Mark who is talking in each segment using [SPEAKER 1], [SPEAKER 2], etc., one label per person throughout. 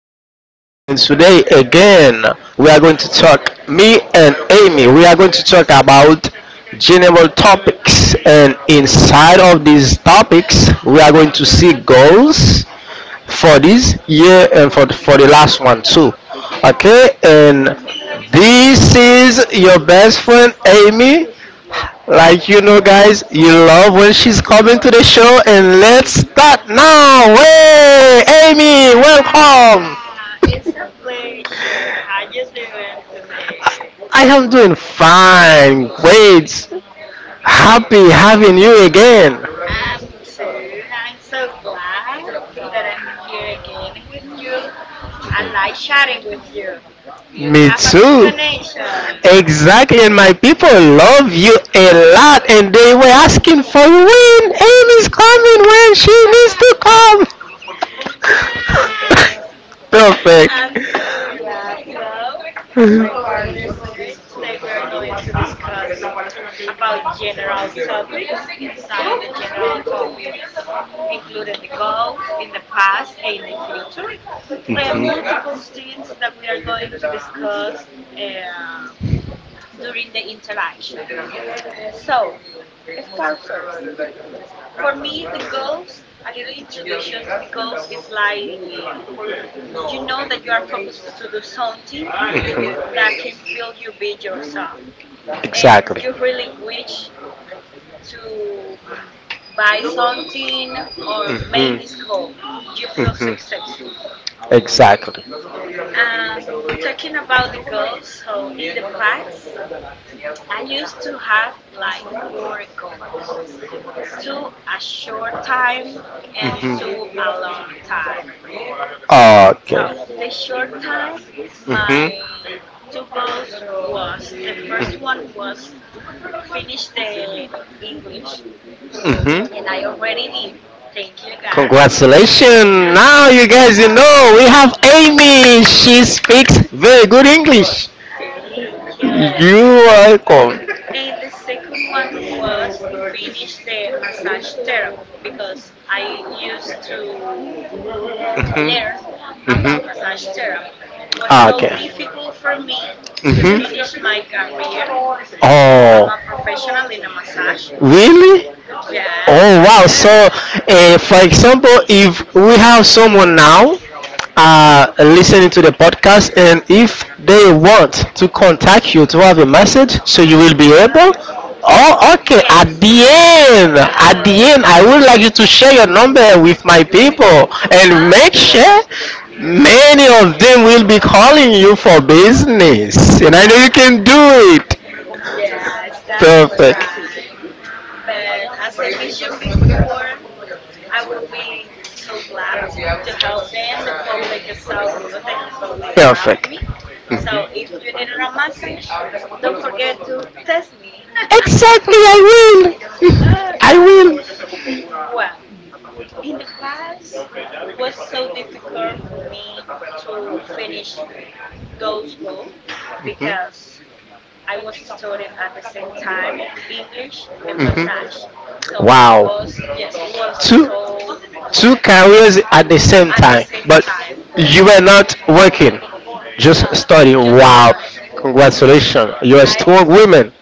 [SPEAKER 1] today again we are going to talk. Me and Amy, we are going to talk about general topics, and inside of these topics, we are going to see goals for this year and for the last one too. Okay, and this is your best friend Amy, like you know, guys, you love when she's coming to the show, and let's start now. Hey, Amy, welcome.
[SPEAKER 2] Ah, it's a pleasure. How you doing today?
[SPEAKER 1] I am doing fine, great,
[SPEAKER 2] That is.
[SPEAKER 1] happy having you again.
[SPEAKER 2] I'm too. I'm so glad that I'm here again with you. I like chatting with you. We
[SPEAKER 1] Me
[SPEAKER 2] have a good
[SPEAKER 1] too.
[SPEAKER 2] connection.
[SPEAKER 1] Exactly, and my people love you a lot, and they were asking for you when Amy's coming, when she needs to come. Perfect.
[SPEAKER 2] I'm so glad. Well, as my
[SPEAKER 1] For
[SPEAKER 2] partner said, today we are going to discuss about general topics inside the general topics, including the goals in the past and in the future, and multiple things that we are going to discuss uh, during the interaction. So, start first. For me, the goals, a little introduction, the goals is like you know that you are focused to do something that can feel you be yourself and you
[SPEAKER 1] And
[SPEAKER 2] really wish to buy something or make this goal you feel successfully.
[SPEAKER 1] Exactly.
[SPEAKER 2] um Talking about the goals, so in the past I used to have like four goals, two a short time and two a long time. So
[SPEAKER 1] Okay.
[SPEAKER 2] the short time, my two goals was, the first one was finish the English,
[SPEAKER 1] Mhm.
[SPEAKER 2] and I already did. Thank you, God.
[SPEAKER 1] Congratulations! Now you guys, you know, we have Amy. She speaks very good English.
[SPEAKER 2] Thank you.
[SPEAKER 1] Are welcome.
[SPEAKER 2] And the second one was finish the massage therapy because I used to learn about massage therapy. Was so difficult for me to finish
[SPEAKER 1] Mhm. to
[SPEAKER 2] my career. So I'm a professional in a massage.
[SPEAKER 1] really?
[SPEAKER 2] Yes,
[SPEAKER 1] Oh
[SPEAKER 2] I
[SPEAKER 1] wow! So,
[SPEAKER 2] do.
[SPEAKER 1] for example, if we have someone now
[SPEAKER 2] Mm-hmm.
[SPEAKER 1] listening to the podcast, and if they want to contact you to have a message, so you will be able.
[SPEAKER 2] God,
[SPEAKER 1] Oh, okay.
[SPEAKER 2] yes,
[SPEAKER 1] At the
[SPEAKER 2] absolutely.
[SPEAKER 1] end, I would like you to share your number with my people and
[SPEAKER 2] Of
[SPEAKER 1] make sure
[SPEAKER 2] course.
[SPEAKER 1] many of them will be calling you for business. And I know you can do it.
[SPEAKER 2] Yes, that's
[SPEAKER 1] Perfect.
[SPEAKER 2] right. But as I mentioned before, I will be so glad to help them. The public is so good. The public love me. So if you needed a massage, don't forget to test me.
[SPEAKER 1] Exactly, I will.
[SPEAKER 2] All
[SPEAKER 1] I
[SPEAKER 2] right.
[SPEAKER 1] will.
[SPEAKER 2] Well, in the past was so difficult for me to finish those goals because I was studying at the same time English and massage.
[SPEAKER 1] Mhm.
[SPEAKER 2] So was, yes, was so,
[SPEAKER 1] Two
[SPEAKER 2] yes,
[SPEAKER 1] careers at the same
[SPEAKER 2] at the
[SPEAKER 1] time,
[SPEAKER 2] same
[SPEAKER 1] but
[SPEAKER 2] time.
[SPEAKER 1] you were not working, just
[SPEAKER 2] No,
[SPEAKER 1] studying.
[SPEAKER 2] just
[SPEAKER 1] Wow,
[SPEAKER 2] study. Yes.
[SPEAKER 1] congratulations! You're a
[SPEAKER 2] I
[SPEAKER 1] strong woman.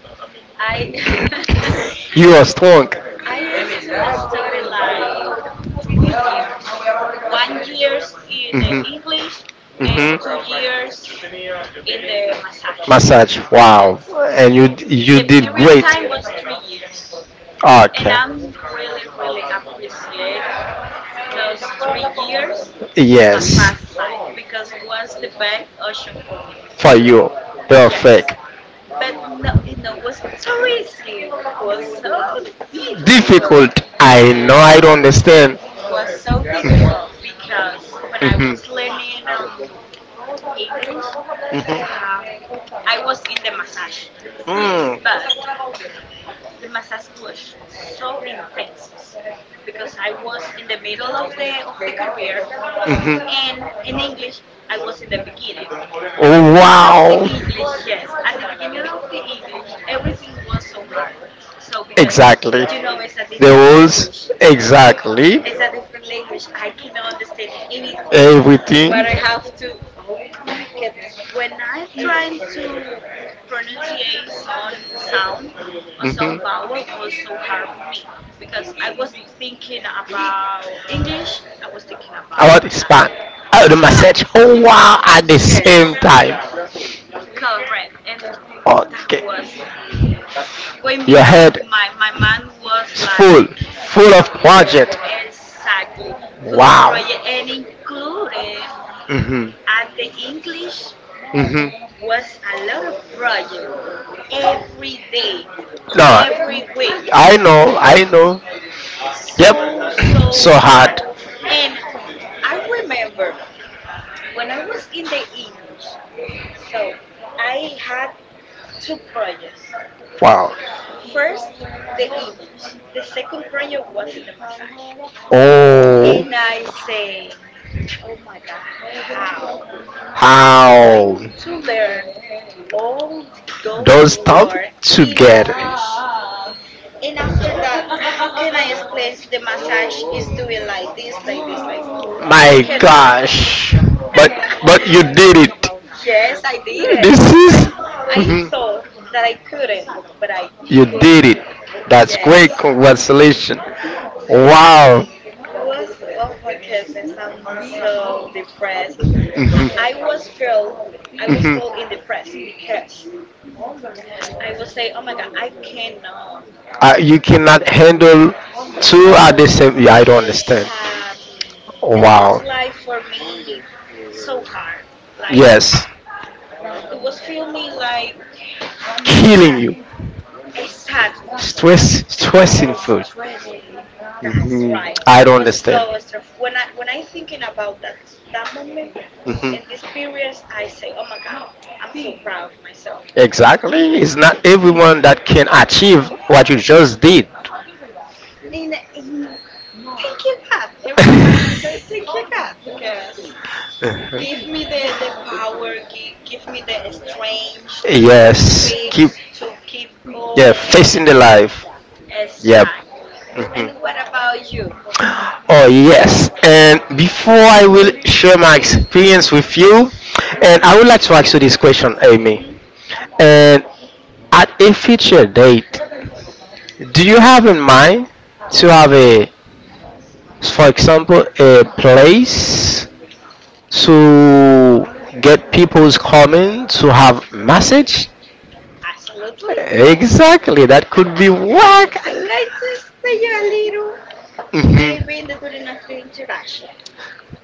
[SPEAKER 2] I
[SPEAKER 1] You are strong.
[SPEAKER 2] I used to study like 3 years. 1 years in the
[SPEAKER 1] Hmm
[SPEAKER 2] English and
[SPEAKER 1] hmm
[SPEAKER 2] 2 years in the massage.
[SPEAKER 1] Massage.
[SPEAKER 2] Yes.
[SPEAKER 1] Wow, and you
[SPEAKER 2] The
[SPEAKER 1] you did
[SPEAKER 2] period
[SPEAKER 1] great.
[SPEAKER 2] time was 3 years.
[SPEAKER 1] Okay
[SPEAKER 2] And I'm really, really appreciating those 3 years
[SPEAKER 1] of
[SPEAKER 2] in my
[SPEAKER 1] Yes,
[SPEAKER 2] past life because it was the best option for me.
[SPEAKER 1] for you. Yes,
[SPEAKER 2] Yes.
[SPEAKER 1] Perfect.
[SPEAKER 2] But
[SPEAKER 1] But
[SPEAKER 2] no, you know, was so easy, was so difficult.
[SPEAKER 1] Difficult. I know,
[SPEAKER 2] Yes.
[SPEAKER 1] I don't understand.
[SPEAKER 2] Was
[SPEAKER 1] It
[SPEAKER 2] so difficult because when I
[SPEAKER 1] Mhm.
[SPEAKER 2] was learning English, um
[SPEAKER 1] Mhm.
[SPEAKER 2] I was in the massage. But the massage was so intense because I was in the middle of the career, and
[SPEAKER 1] Mhm.
[SPEAKER 2] in English I was in the beginning. At the
[SPEAKER 1] Oh,
[SPEAKER 2] beginning of the
[SPEAKER 1] wow.
[SPEAKER 2] English, yes, at the beginning of the English everything was so hard. So because you know it's a
[SPEAKER 1] The
[SPEAKER 2] different language.
[SPEAKER 1] rules, exactly.
[SPEAKER 2] It's a different language. I cannot understand anything.
[SPEAKER 1] Everything.
[SPEAKER 2] What I have to, oh my goodness, when I'm trying to pronunciate some sound or some vowel was so hard for me because I was thinking about English. I was thinking about massage.
[SPEAKER 1] Oh, the Oh, wow. At the
[SPEAKER 2] Yes, correct, and that was wake me up. My mind was like,
[SPEAKER 1] full of
[SPEAKER 2] exactly, full of project, and included
[SPEAKER 1] Mhm,
[SPEAKER 2] at the English
[SPEAKER 1] mhm.
[SPEAKER 2] was a lot of project every day, every week.
[SPEAKER 1] I know, I know.
[SPEAKER 2] So so hard. And I remember when I was in the English, so I had two projects.
[SPEAKER 1] Wow.
[SPEAKER 2] First, the English. The second project was in the massage.
[SPEAKER 1] Oh,
[SPEAKER 2] And I say, oh my God, how I'm going
[SPEAKER 1] How
[SPEAKER 2] to learn all those words in English. And after that, how can I explain the massage is doing like this, like this, like this? I
[SPEAKER 1] My
[SPEAKER 2] cannot.
[SPEAKER 1] gosh! Did it.
[SPEAKER 2] Yes, I
[SPEAKER 1] It.
[SPEAKER 2] didn't. I I
[SPEAKER 1] Is. I
[SPEAKER 2] thought that I couldn't, but I
[SPEAKER 1] You could. Did
[SPEAKER 2] could.
[SPEAKER 1] it.
[SPEAKER 2] Yes.
[SPEAKER 1] Congratulations.
[SPEAKER 2] Yes, and
[SPEAKER 1] Wow.
[SPEAKER 2] it was, oh my goodness, I'm so depressed.
[SPEAKER 1] Mhm.
[SPEAKER 2] I, I was feel I was feeling depressed because I was say, oh my god, I cannot
[SPEAKER 1] You cannot handle two at the
[SPEAKER 2] both,
[SPEAKER 1] same. Yeah, I don't understand.
[SPEAKER 2] exactly, and was
[SPEAKER 1] Wow.
[SPEAKER 2] life for me so hard. Like
[SPEAKER 1] Yes,
[SPEAKER 2] it was feel me like I,
[SPEAKER 1] killing you.
[SPEAKER 2] exactly, was
[SPEAKER 1] Stress, stressing food.
[SPEAKER 2] stressed. That's
[SPEAKER 1] Mhm.
[SPEAKER 2] right.
[SPEAKER 1] I don't
[SPEAKER 2] Was
[SPEAKER 1] understand.
[SPEAKER 2] so stressed. When I thinking about that moment in this
[SPEAKER 1] Mhm.
[SPEAKER 2] period, I say, oh my god, I'm so proud of myself
[SPEAKER 1] Exactly. It's not everyone that can achieve what you just did.
[SPEAKER 2] in thank you god. Every time I say thank you god because give me the power, give me the strength to
[SPEAKER 1] Yes.
[SPEAKER 2] fix
[SPEAKER 1] Keep
[SPEAKER 2] to keep
[SPEAKER 1] yeah
[SPEAKER 2] going,
[SPEAKER 1] facing the life. Yep.
[SPEAKER 2] exactly. And
[SPEAKER 1] Mm-hmm.
[SPEAKER 2] what about you?
[SPEAKER 1] Oh yes, and before I will share my experience with you, and I would like to ask you this question, Amy.
[SPEAKER 2] Hmm.
[SPEAKER 1] And at a future date, do you have in mind to have a so for example, a place to get people's comment to have message.
[SPEAKER 2] Absolutely, yes,
[SPEAKER 1] Exactly, that could be work.
[SPEAKER 2] I'm going to explain you a little,
[SPEAKER 1] Mhm.
[SPEAKER 2] maybe in the during of the interaction.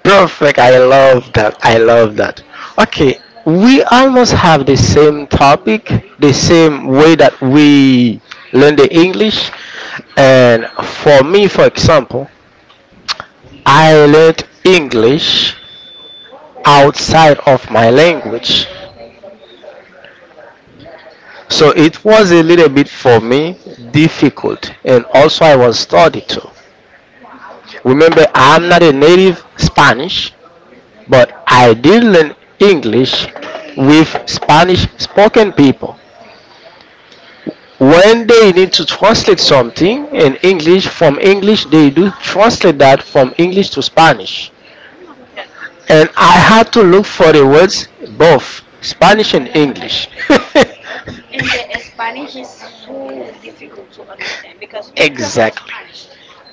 [SPEAKER 1] Perfect. I love that. I love that. Okay, we almost have the same topic, the same way that we learn the English. And for me, for example, I learned English outside of my language.
[SPEAKER 2] Mhm.
[SPEAKER 1] So it was a little bit for me difficult, and also I was studied too. Remember, I'm not a native Spanish, but I did learn English with Spanish spoken people. When they need to translate something in English from English, they do translate that from English to Spanish.
[SPEAKER 2] Oh my goodness.
[SPEAKER 1] And I had to look for the words both Spanish and English.
[SPEAKER 2] And the Spanish is so difficult to understand because we talk in Spanish,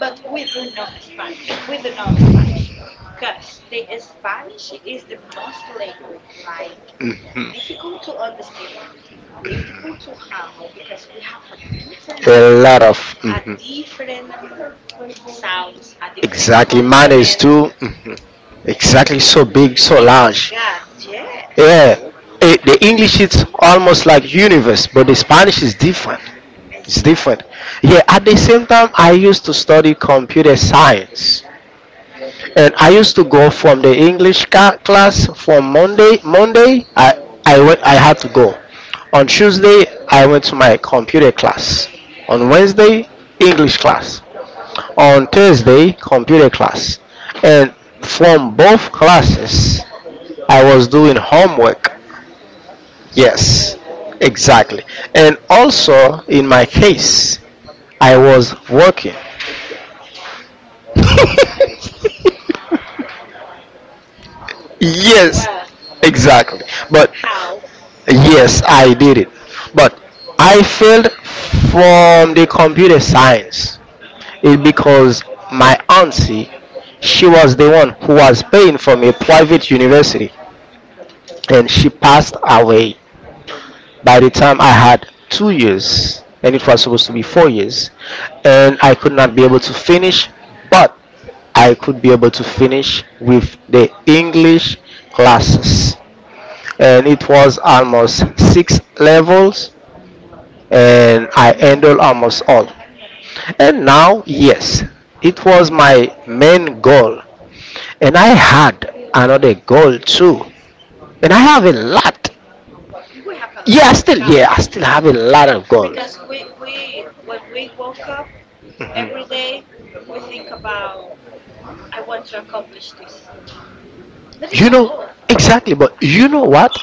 [SPEAKER 2] but we do not Spanish. We do know Spanish because the Spanish is the most language like
[SPEAKER 1] Mhm.
[SPEAKER 2] difficult to understand, difficult to handle because we have a different
[SPEAKER 1] A lot
[SPEAKER 2] accent,
[SPEAKER 1] of
[SPEAKER 2] a different sounds, a different consonant.
[SPEAKER 1] too. Mhm. Exactly, so big, so
[SPEAKER 2] Jesus
[SPEAKER 1] large.
[SPEAKER 2] God,
[SPEAKER 1] Yeah,
[SPEAKER 2] yes,
[SPEAKER 1] yeah, it, the English is almost like universe, but the Spanish is different. It's different.
[SPEAKER 2] exactly.
[SPEAKER 1] Yeah, at the same time, I used to study computer science,
[SPEAKER 2] Mhm.
[SPEAKER 1] and I used to go from the English class from Monday. Monday, I went. I had to go. On Tuesday, I went to my computer class. On Wednesday, English class. On Thursday, computer class, and from both classes, I was doing homework.
[SPEAKER 2] Oh
[SPEAKER 1] Yes,
[SPEAKER 2] Lord.
[SPEAKER 1] exactly. And also, in my case, I was working. Yes,
[SPEAKER 2] Well,
[SPEAKER 1] exactly. But
[SPEAKER 2] how?
[SPEAKER 1] yes, I did it. But I failed from the computer science. It because my auntie, she was the one who was paying for me a private university,
[SPEAKER 2] Mm-hmm.
[SPEAKER 1] and she passed away.
[SPEAKER 2] Mm-hmm. Mm.
[SPEAKER 1] By the time I had 2 years, and it was supposed to be 4 years, and I could not be able to finish, but I could be able to finish with the English classes. And it was almost six levels, and I handled almost all. And now, yes, it was my main goal, and I had another goal too, and I have a lot.
[SPEAKER 2] We have a lot of cow
[SPEAKER 1] Yeah, I still have a lot of goals.
[SPEAKER 2] because we when we woke up every day, we think about I want to accomplish this. That is
[SPEAKER 1] You
[SPEAKER 2] a goal.
[SPEAKER 1] know, exactly, but you know what?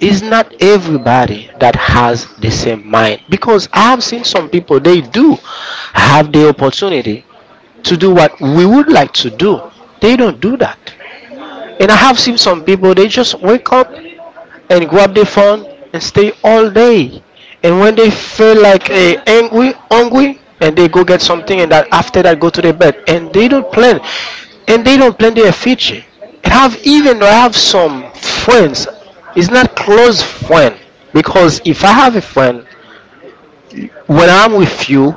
[SPEAKER 1] It's not everybody that has the same mind because I have seen some people they do have the opportunity to do what
[SPEAKER 2] Mm-hmm.
[SPEAKER 1] we would like to do. They don't do that.
[SPEAKER 2] No,
[SPEAKER 1] And I have seen some people they just wake up and grab the phone and stay all day. And when they feel like eh, angry, hungry, and they go get something, and that after that go to their bed, and they don't plan, and they don't plan their future. And have
[SPEAKER 2] sad.
[SPEAKER 1] even though I have some friends. It's not close friend, because if I have a friend, when I'm with you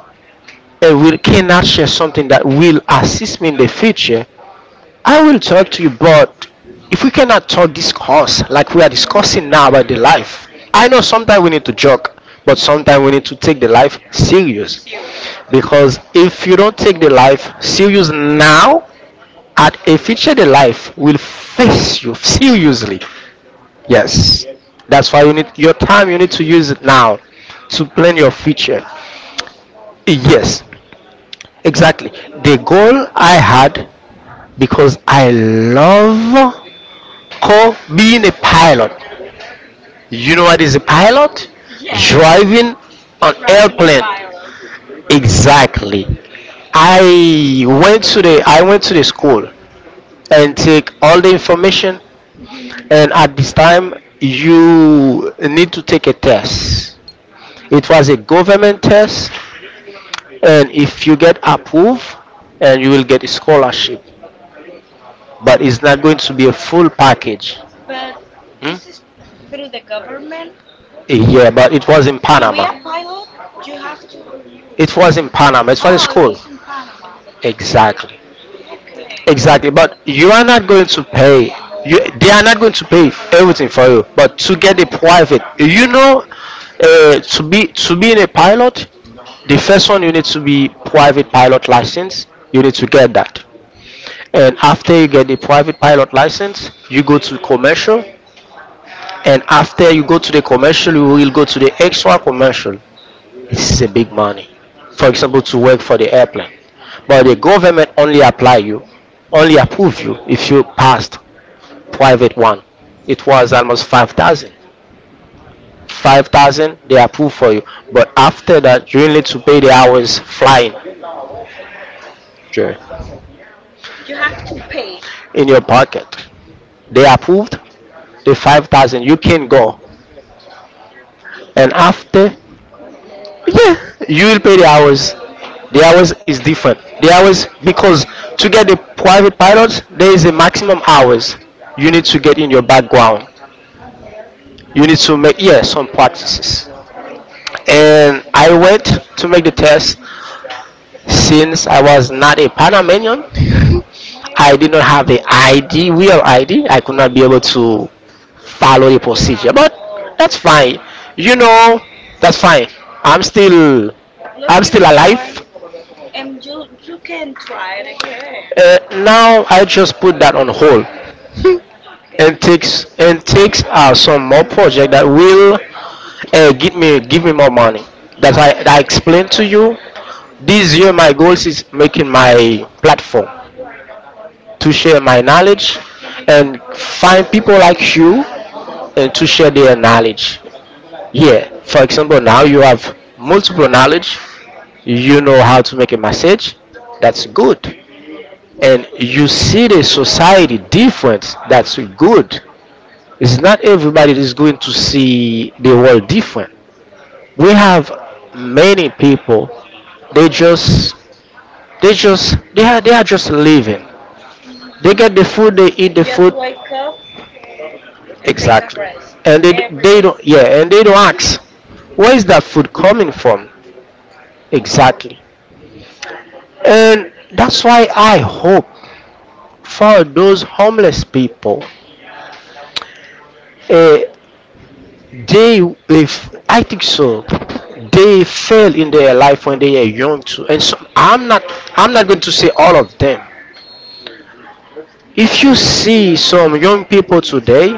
[SPEAKER 1] and we cannot share something that will assist me in the future, I will talk to you, but if we cannot talk this course like we are
[SPEAKER 2] Mm-hmm.
[SPEAKER 1] discussing now about the life, I know sometimes we need to joke, but sometimes we need to take the life serious.
[SPEAKER 2] Serious.
[SPEAKER 1] Because if you don't take the life serious now, at a future the life will face you seriously. Yes, that's why you need
[SPEAKER 2] That's
[SPEAKER 1] your
[SPEAKER 2] right.
[SPEAKER 1] time. You need to use it now to plan your future. Yes, exactly. The goal I had because I love called being a pilot. You know what is a pilot?
[SPEAKER 2] Yes,
[SPEAKER 1] Driving an Driving
[SPEAKER 2] driving a
[SPEAKER 1] airplane.
[SPEAKER 2] pilot.
[SPEAKER 1] Exactly. I went to the school and take all the information, and at this time you need to take a test. It
[SPEAKER 2] Mhm.
[SPEAKER 1] was a government test, and if you get approved, and you will get a scholarship. But it's not going to be a full package.
[SPEAKER 2] But
[SPEAKER 1] Hmm?
[SPEAKER 2] this is through the government.
[SPEAKER 1] Yeah, but it was in
[SPEAKER 2] To be
[SPEAKER 1] Panama.
[SPEAKER 2] a
[SPEAKER 1] Panama.
[SPEAKER 2] pilot, you have to.
[SPEAKER 1] To. It was in Panama. It was a
[SPEAKER 2] Oh, it
[SPEAKER 1] school.
[SPEAKER 2] was in Panama.
[SPEAKER 1] Exactly.
[SPEAKER 2] Okay.
[SPEAKER 1] Exactly. But you are not going to pay. You, they are not going to pay everything for you. But to get a
[SPEAKER 2] Oh, okay.
[SPEAKER 1] private, you know, to be in a pilot, the first one you need to be private pilot license. You need to get that. And after you get the private pilot license, you go to commercial. And after you go to the commercial, you will go to the extra commercial. This is a big money. For example, to work for the airplane. But the
[SPEAKER 2] Hmm.
[SPEAKER 1] government only apply you, only approve you if you passed private one. It was almost 5,000. 5,000 they approve for you. But after that, you need to pay the hours flying Sure.
[SPEAKER 2] You have to pay.
[SPEAKER 1] in your pocket. They approved the 5,000. You can go. And after
[SPEAKER 2] Oh my God.
[SPEAKER 1] Yeah, you will pay the hours. The hours is different. The hours because to get the private pilot, there is a maximum hours you need to get in your background. You need to make
[SPEAKER 2] Okay.
[SPEAKER 1] yeah some practices. And I went to make the test. Since I was not a Panamanian, I did not have the ID, real ID. I could not be able to follow the
[SPEAKER 2] Fal.
[SPEAKER 1] procedure, but that's fine.
[SPEAKER 2] Okay.
[SPEAKER 1] You know, that's fine. I'm still, I'm
[SPEAKER 2] Looking
[SPEAKER 1] still
[SPEAKER 2] for,
[SPEAKER 1] alive.
[SPEAKER 2] and you can try it again.
[SPEAKER 1] Uh, Now I just put that on hold
[SPEAKER 2] Okay.
[SPEAKER 1] and takes some more project that will give me more money. That I explained to you. This year my goals is making my platform to share my knowledge and find people like you and to share their knowledge. Yeah. For example, now you have multiple knowledge. You know how to make a message. That's good. And you see the society different, that's good. It's not everybody is going to see the world different. We have many people, they just, they are, just living, they
[SPEAKER 2] Hmm.
[SPEAKER 1] get the food, they eat the
[SPEAKER 2] Just
[SPEAKER 1] food,
[SPEAKER 2] wake up and take a
[SPEAKER 1] exactly,
[SPEAKER 2] rest
[SPEAKER 1] and they,
[SPEAKER 2] every day.
[SPEAKER 1] don't, yeah, and they don't ask where is that food coming from, exactly.
[SPEAKER 2] Exactly.
[SPEAKER 1] And that's why I hope for those homeless people, uh, they, if I think so, they fail in their life when they are young too, and so I'm not going to say all of them. If you see some young people today,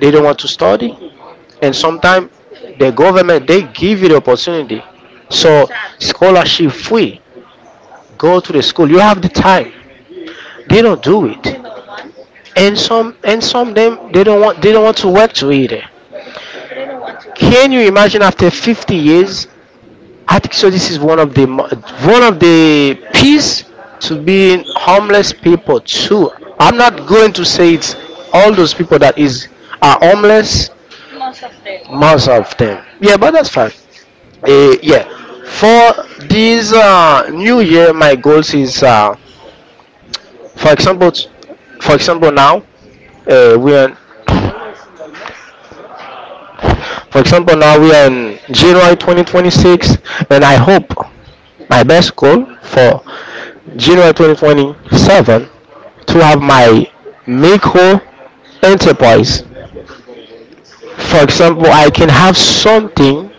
[SPEAKER 1] they don't want to study, and sometimes the government they give you the opportunity, so,
[SPEAKER 2] Exactly.
[SPEAKER 1] scholarship free, go to the school, you have the time, they don't do it.
[SPEAKER 2] They don't want.
[SPEAKER 1] And some, of them, they don't want, they don't want to work to either.
[SPEAKER 2] They don't want to work.
[SPEAKER 1] Can you imagine after 50 years? I think so. This is one of the one of the piece to being homeless people too. I'm not going to say it's all those people that is are homeless.
[SPEAKER 2] Most of them.
[SPEAKER 1] Most of them, yeah, but that's fine. Eh, yeah, for this new year, my goals is, for example, for example now we are, for example now we are in January 2026, and I hope my best goal for January 2027 to have my micro enterprise. For example, I can have something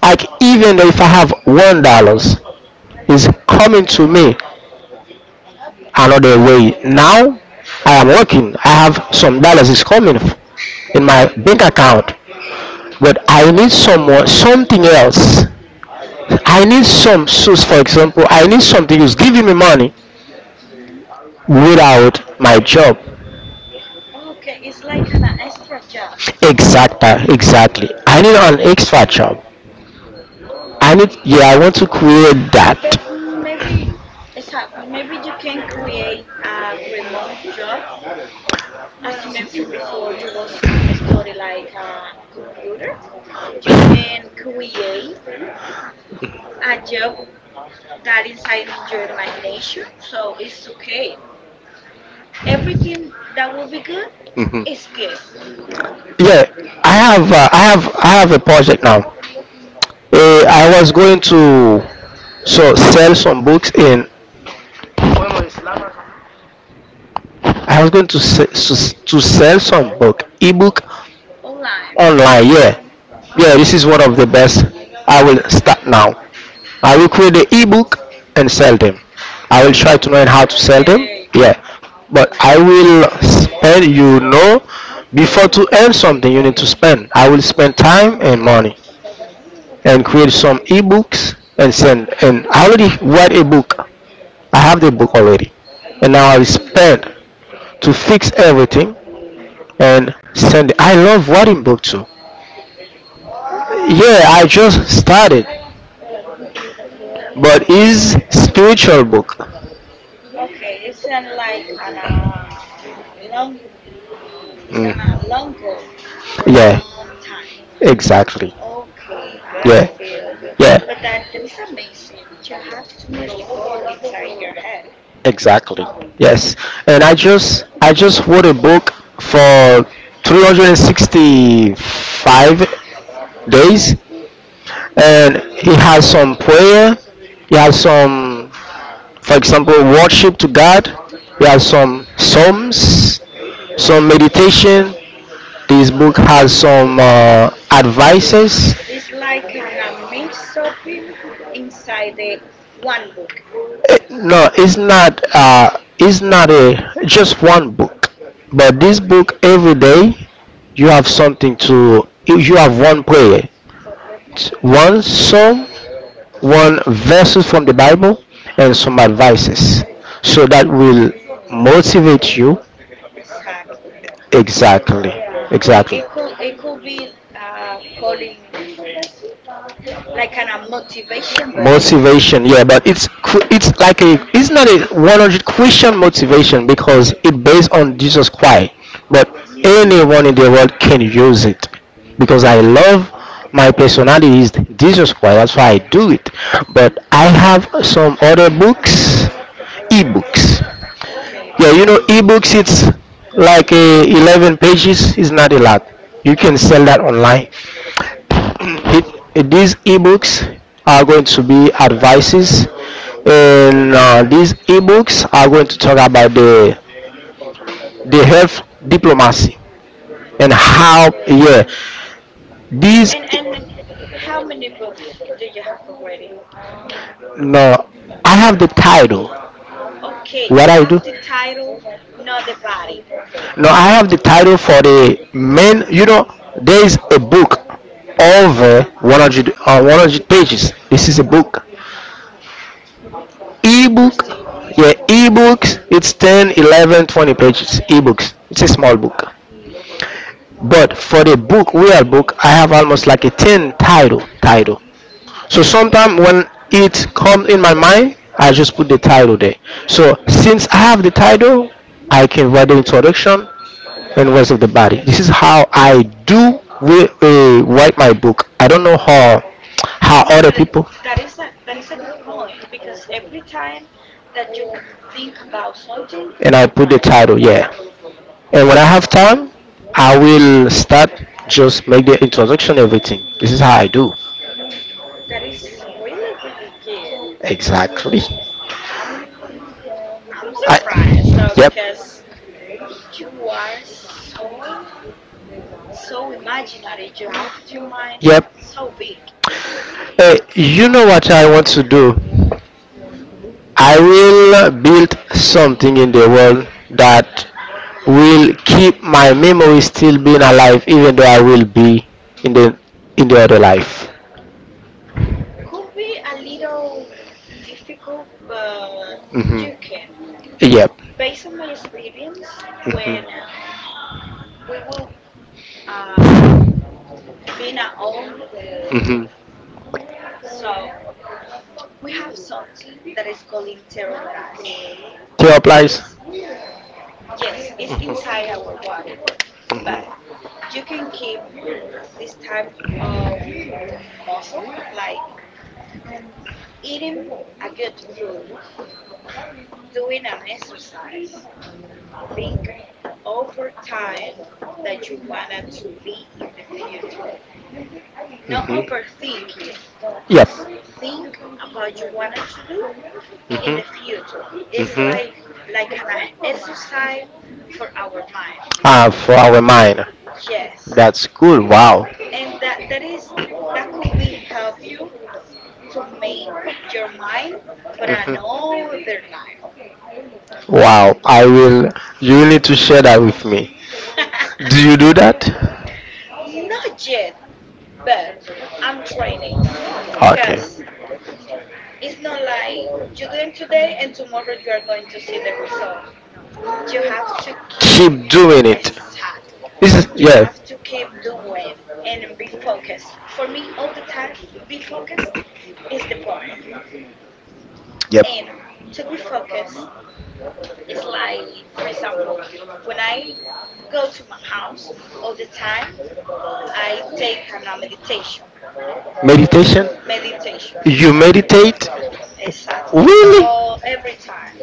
[SPEAKER 1] like even if I have $1 is coming to me another way. Now I am working. I have some dollars is coming in my bank account, but I need someone something else. I need some source. For example, I need something who's giving me money
[SPEAKER 2] Hmm.
[SPEAKER 1] without my job.
[SPEAKER 2] Okay. It's like an extra job.
[SPEAKER 1] Exactly, exactly. I need an extra job. I
[SPEAKER 2] Okay.
[SPEAKER 1] need, yeah, I want to create that.
[SPEAKER 2] But maybe, exactly, maybe you can create a remote job. As you mentioned before, you was study like a computer. You can create a job that inside in your imagination, so it's okay. Everything that will be good
[SPEAKER 1] Mhm.
[SPEAKER 2] is good
[SPEAKER 1] Yeah, I have a project now. I was going to sell some books in. I was going to sell some book, ebook online.
[SPEAKER 2] online.
[SPEAKER 1] Yeah, yeah. This is one of the best. I will start now. I will create the ebook and sell them. I will try to learn how to sell them.
[SPEAKER 2] Okay.
[SPEAKER 1] Yeah, but I will spend. Before to earn something, you need to spend. I will spend time and money and create some ebooks and send. And I already write a book. I have the book already, and now I will spend to fix everything
[SPEAKER 2] Mhm.
[SPEAKER 1] and send it. I love writing book too. Yeah, I
[SPEAKER 2] Oh,
[SPEAKER 1] just started,
[SPEAKER 2] oh, okay.
[SPEAKER 1] but is spiritual book.
[SPEAKER 2] Okay, it's like an long. It's a long
[SPEAKER 1] Mm.
[SPEAKER 2] goal for a
[SPEAKER 1] Yeah.
[SPEAKER 2] long time.
[SPEAKER 1] Exactly.
[SPEAKER 2] Okay, I feel
[SPEAKER 1] Yeah.
[SPEAKER 2] you.
[SPEAKER 1] Yeah.
[SPEAKER 2] But that is amazing. You have too much goal inside your head.
[SPEAKER 1] Exactly. Yes.
[SPEAKER 2] You
[SPEAKER 1] And
[SPEAKER 2] have
[SPEAKER 1] I
[SPEAKER 2] too much
[SPEAKER 1] just
[SPEAKER 2] goal.
[SPEAKER 1] I just wrote a book for 365
[SPEAKER 2] Hmm.
[SPEAKER 1] days, and he has some prayer, he has some, for example, worship to God, he has some psalms, some meditation. This book has some advices.
[SPEAKER 2] It's like an a mix up in inside the one book.
[SPEAKER 1] No, it's not. It's
[SPEAKER 2] One
[SPEAKER 1] not a
[SPEAKER 2] book.
[SPEAKER 1] just one book, but this book every day you have something to. You have one prayer, one psalm, one verses from the Bible, and some advices. So that will
[SPEAKER 2] Okay.
[SPEAKER 1] motivate you.
[SPEAKER 2] Exactly.
[SPEAKER 1] Exactly,
[SPEAKER 2] It
[SPEAKER 1] exactly.
[SPEAKER 2] it could it could be uh calling like an a motivation book.
[SPEAKER 1] Motivation, yeah, but it's cr- it's like a it's not a 100 christian motivation because it based on Jesus Christ, but anyone
[SPEAKER 2] Mm,
[SPEAKER 1] in the world can use it because I love. My personality is Jesus Christ, that's why I do it. But I have some other books, ebooks.
[SPEAKER 2] okay.
[SPEAKER 1] Yeah, ebooks, it's like a 11 pages, it's not a lot, you can sell that online.
[SPEAKER 2] Mm-hmm.
[SPEAKER 1] These ebooks are going to be advices, and these ebooks are going to talk about the health, diplomacy,
[SPEAKER 2] Mhm.
[SPEAKER 1] and how.
[SPEAKER 2] Okay.
[SPEAKER 1] Yeah, these.
[SPEAKER 2] And how many books do you have already?
[SPEAKER 1] No, I have the title.
[SPEAKER 2] Okay,
[SPEAKER 1] What
[SPEAKER 2] you
[SPEAKER 1] I
[SPEAKER 2] have
[SPEAKER 1] do
[SPEAKER 2] the
[SPEAKER 1] have.
[SPEAKER 2] title, not the body.
[SPEAKER 1] No, I have the title for the men. There is a book over 100 pages. This is a book, ebook.
[SPEAKER 2] Interesting.
[SPEAKER 1] Yeah, ebooks, it's 10, 11, 20, 11, 20 pages, ebooks, it's a small book. But for the book real book I have almost like a 10 title. So sometimes when it comes in my mind, I just put the title there. So since I have the title, I can write the introduction and rest
[SPEAKER 2] Hmm.
[SPEAKER 1] of the body. This is how I do, write my book. I don't know how
[SPEAKER 2] No,
[SPEAKER 1] other
[SPEAKER 2] but it-
[SPEAKER 1] people
[SPEAKER 2] th- that is a that is a good point, because every
[SPEAKER 1] time.
[SPEAKER 2] time that you think about something,
[SPEAKER 1] And I
[SPEAKER 2] you're
[SPEAKER 1] put the
[SPEAKER 2] right.
[SPEAKER 1] title. Yeah. And when I
[SPEAKER 2] Is
[SPEAKER 1] have time, I will start, just make the introduction, everything. This is how I do.
[SPEAKER 2] that is really really good.
[SPEAKER 1] Exactly.
[SPEAKER 2] I'm I'm surprised. So
[SPEAKER 1] I, yep.
[SPEAKER 2] because you are so so imaginary, you have your mind
[SPEAKER 1] Yep.
[SPEAKER 2] so big.
[SPEAKER 1] Hey, you know what I want to do?
[SPEAKER 2] Mhm,
[SPEAKER 1] I will build something in the world that will keep my memory still being alive, even though I will be in the
[SPEAKER 2] mhm.
[SPEAKER 1] in the other life.
[SPEAKER 2] Could be a little difficult, but
[SPEAKER 1] Hmm.
[SPEAKER 2] you can.
[SPEAKER 1] Yep.
[SPEAKER 2] Based on my experience, when we will be being at home,
[SPEAKER 1] Hmm.
[SPEAKER 2] so we have something that is called interomerast.
[SPEAKER 1] Two applies.
[SPEAKER 2] It's, yes, it's inside our body, but you can keep this type of muscle, like eating a good food, doing an exercise. Think over time that you wanna to be in the future. No overthinking.
[SPEAKER 1] Yep.
[SPEAKER 2] Just think about you wanna to do in
[SPEAKER 1] Mhm.
[SPEAKER 2] the future. It's
[SPEAKER 1] Mhm.
[SPEAKER 2] like an exercise for our mind.
[SPEAKER 1] Ah, for our mind.
[SPEAKER 2] Yes.
[SPEAKER 1] That's cool. Wow.
[SPEAKER 2] And that is, that could be help you to make your mind for
[SPEAKER 1] Mhm.
[SPEAKER 2] another life.
[SPEAKER 1] Wow. I will. You need to share that with me. Do you do that?
[SPEAKER 2] Not yet, but I'm training. Cause it's not like you do it today and tomorrow you are going to see the result. No, you have to keep,
[SPEAKER 1] Doing.
[SPEAKER 2] exactly.
[SPEAKER 1] This
[SPEAKER 2] You have
[SPEAKER 1] is.
[SPEAKER 2] to keep doing and be focused. For me, all the time, be focused is the point.
[SPEAKER 1] Yep.
[SPEAKER 2] And to be focused is like, for example, when I go to my house all the time, I take a meditation.
[SPEAKER 1] Meditation.
[SPEAKER 2] Meditation,
[SPEAKER 1] You
[SPEAKER 2] exactly,
[SPEAKER 1] meditate.
[SPEAKER 2] exactly, all every time.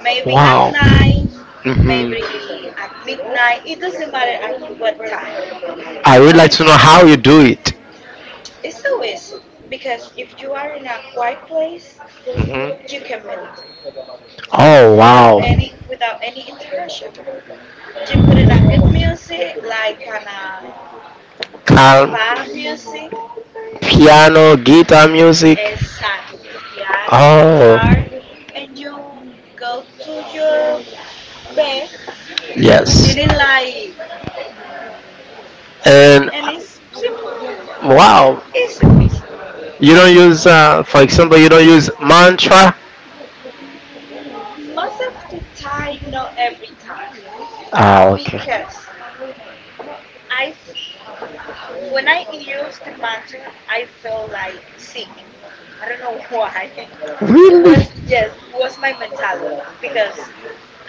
[SPEAKER 2] Maybe at
[SPEAKER 1] Wow.
[SPEAKER 2] night,
[SPEAKER 1] Hmm.
[SPEAKER 2] maybe at midnight. It doesn't matter at what time.
[SPEAKER 1] I would
[SPEAKER 2] All
[SPEAKER 1] like
[SPEAKER 2] the
[SPEAKER 1] to know
[SPEAKER 2] time,
[SPEAKER 1] how you do it.
[SPEAKER 2] it's so easy because if you are in a quiet place,
[SPEAKER 1] Hmm.
[SPEAKER 2] you can meditate
[SPEAKER 1] Oh,
[SPEAKER 2] without
[SPEAKER 1] wow.
[SPEAKER 2] any without any interruption. You put in a good music like an
[SPEAKER 1] Calm,
[SPEAKER 2] spa music,
[SPEAKER 1] piano, guitar music.
[SPEAKER 2] exactly, piano,
[SPEAKER 1] Oh.
[SPEAKER 2] guitar, and you go to your bed,
[SPEAKER 1] Yes.
[SPEAKER 2] sitting like, mm,
[SPEAKER 1] And
[SPEAKER 2] and it's simple.
[SPEAKER 1] wow.
[SPEAKER 2] Easy peasy.
[SPEAKER 1] You don't use, for example, you don't use mantra?
[SPEAKER 2] Mm, Most of the time, not every time,
[SPEAKER 1] Ah, okay.
[SPEAKER 2] because I, f- when I use the mantra, I feel like sick. I don't know why.
[SPEAKER 1] Really?
[SPEAKER 2] Was, yes, was my mentality because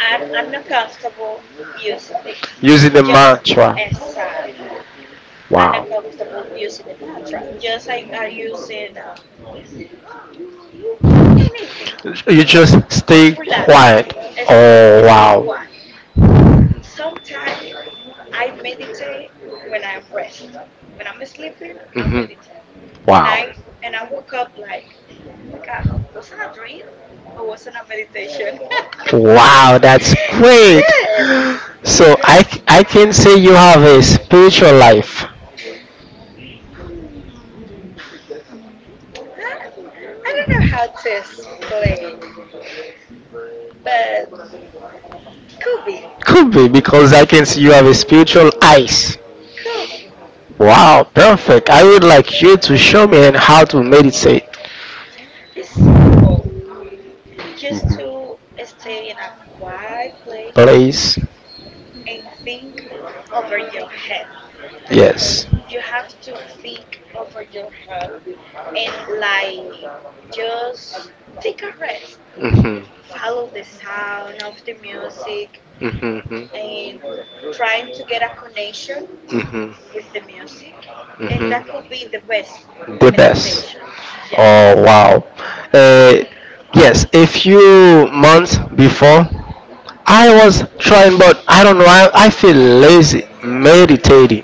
[SPEAKER 2] I'm not comfortable using this.
[SPEAKER 1] Using the
[SPEAKER 2] Just,
[SPEAKER 1] mantra.
[SPEAKER 2] exactly,
[SPEAKER 1] And
[SPEAKER 2] I'm
[SPEAKER 1] wow.
[SPEAKER 2] not comfortable
[SPEAKER 1] And.
[SPEAKER 2] using the mantra. Just I are using anything.
[SPEAKER 1] You just
[SPEAKER 2] Just
[SPEAKER 1] stay
[SPEAKER 2] relax.
[SPEAKER 1] quiet.
[SPEAKER 2] Exactly,
[SPEAKER 1] Oh,
[SPEAKER 2] stay
[SPEAKER 1] wow.
[SPEAKER 2] quiet. Sometimes I meditate when I'm rest. When I'm sleeping, I
[SPEAKER 1] Mhm.
[SPEAKER 2] meditate. And I
[SPEAKER 1] Wow.
[SPEAKER 2] and I woke up like, oh my God, wasn't a dream or wasn't a meditation?
[SPEAKER 1] Wow, that's great.
[SPEAKER 2] Yes.
[SPEAKER 1] So,
[SPEAKER 2] Yes.
[SPEAKER 1] I can say you have a spiritual life.
[SPEAKER 2] Hmm. I, I don't know how to explain, but could be,
[SPEAKER 1] Could be because I can see you have a spiritual eyes.
[SPEAKER 2] could be.
[SPEAKER 1] Wow, perfect. I would like you to show me and how to meditate,
[SPEAKER 2] It's simple. Just to stay in a quiet place
[SPEAKER 1] please.
[SPEAKER 2] and think over your head.
[SPEAKER 1] Yes.
[SPEAKER 2] You have to think over your head and like just take a rest,
[SPEAKER 1] Mhm,
[SPEAKER 2] follow the sound of the music
[SPEAKER 1] mhm, mhm,
[SPEAKER 2] and trying to get a connection
[SPEAKER 1] mhm,
[SPEAKER 2] with the music,
[SPEAKER 1] and
[SPEAKER 2] and that could be
[SPEAKER 1] mhm.
[SPEAKER 2] the best
[SPEAKER 1] The best. Yes.
[SPEAKER 2] meditation. Yes.
[SPEAKER 1] Oh, wow. Uh, yes, a few months before, I was trying, but I don't know. I feel lazy meditating,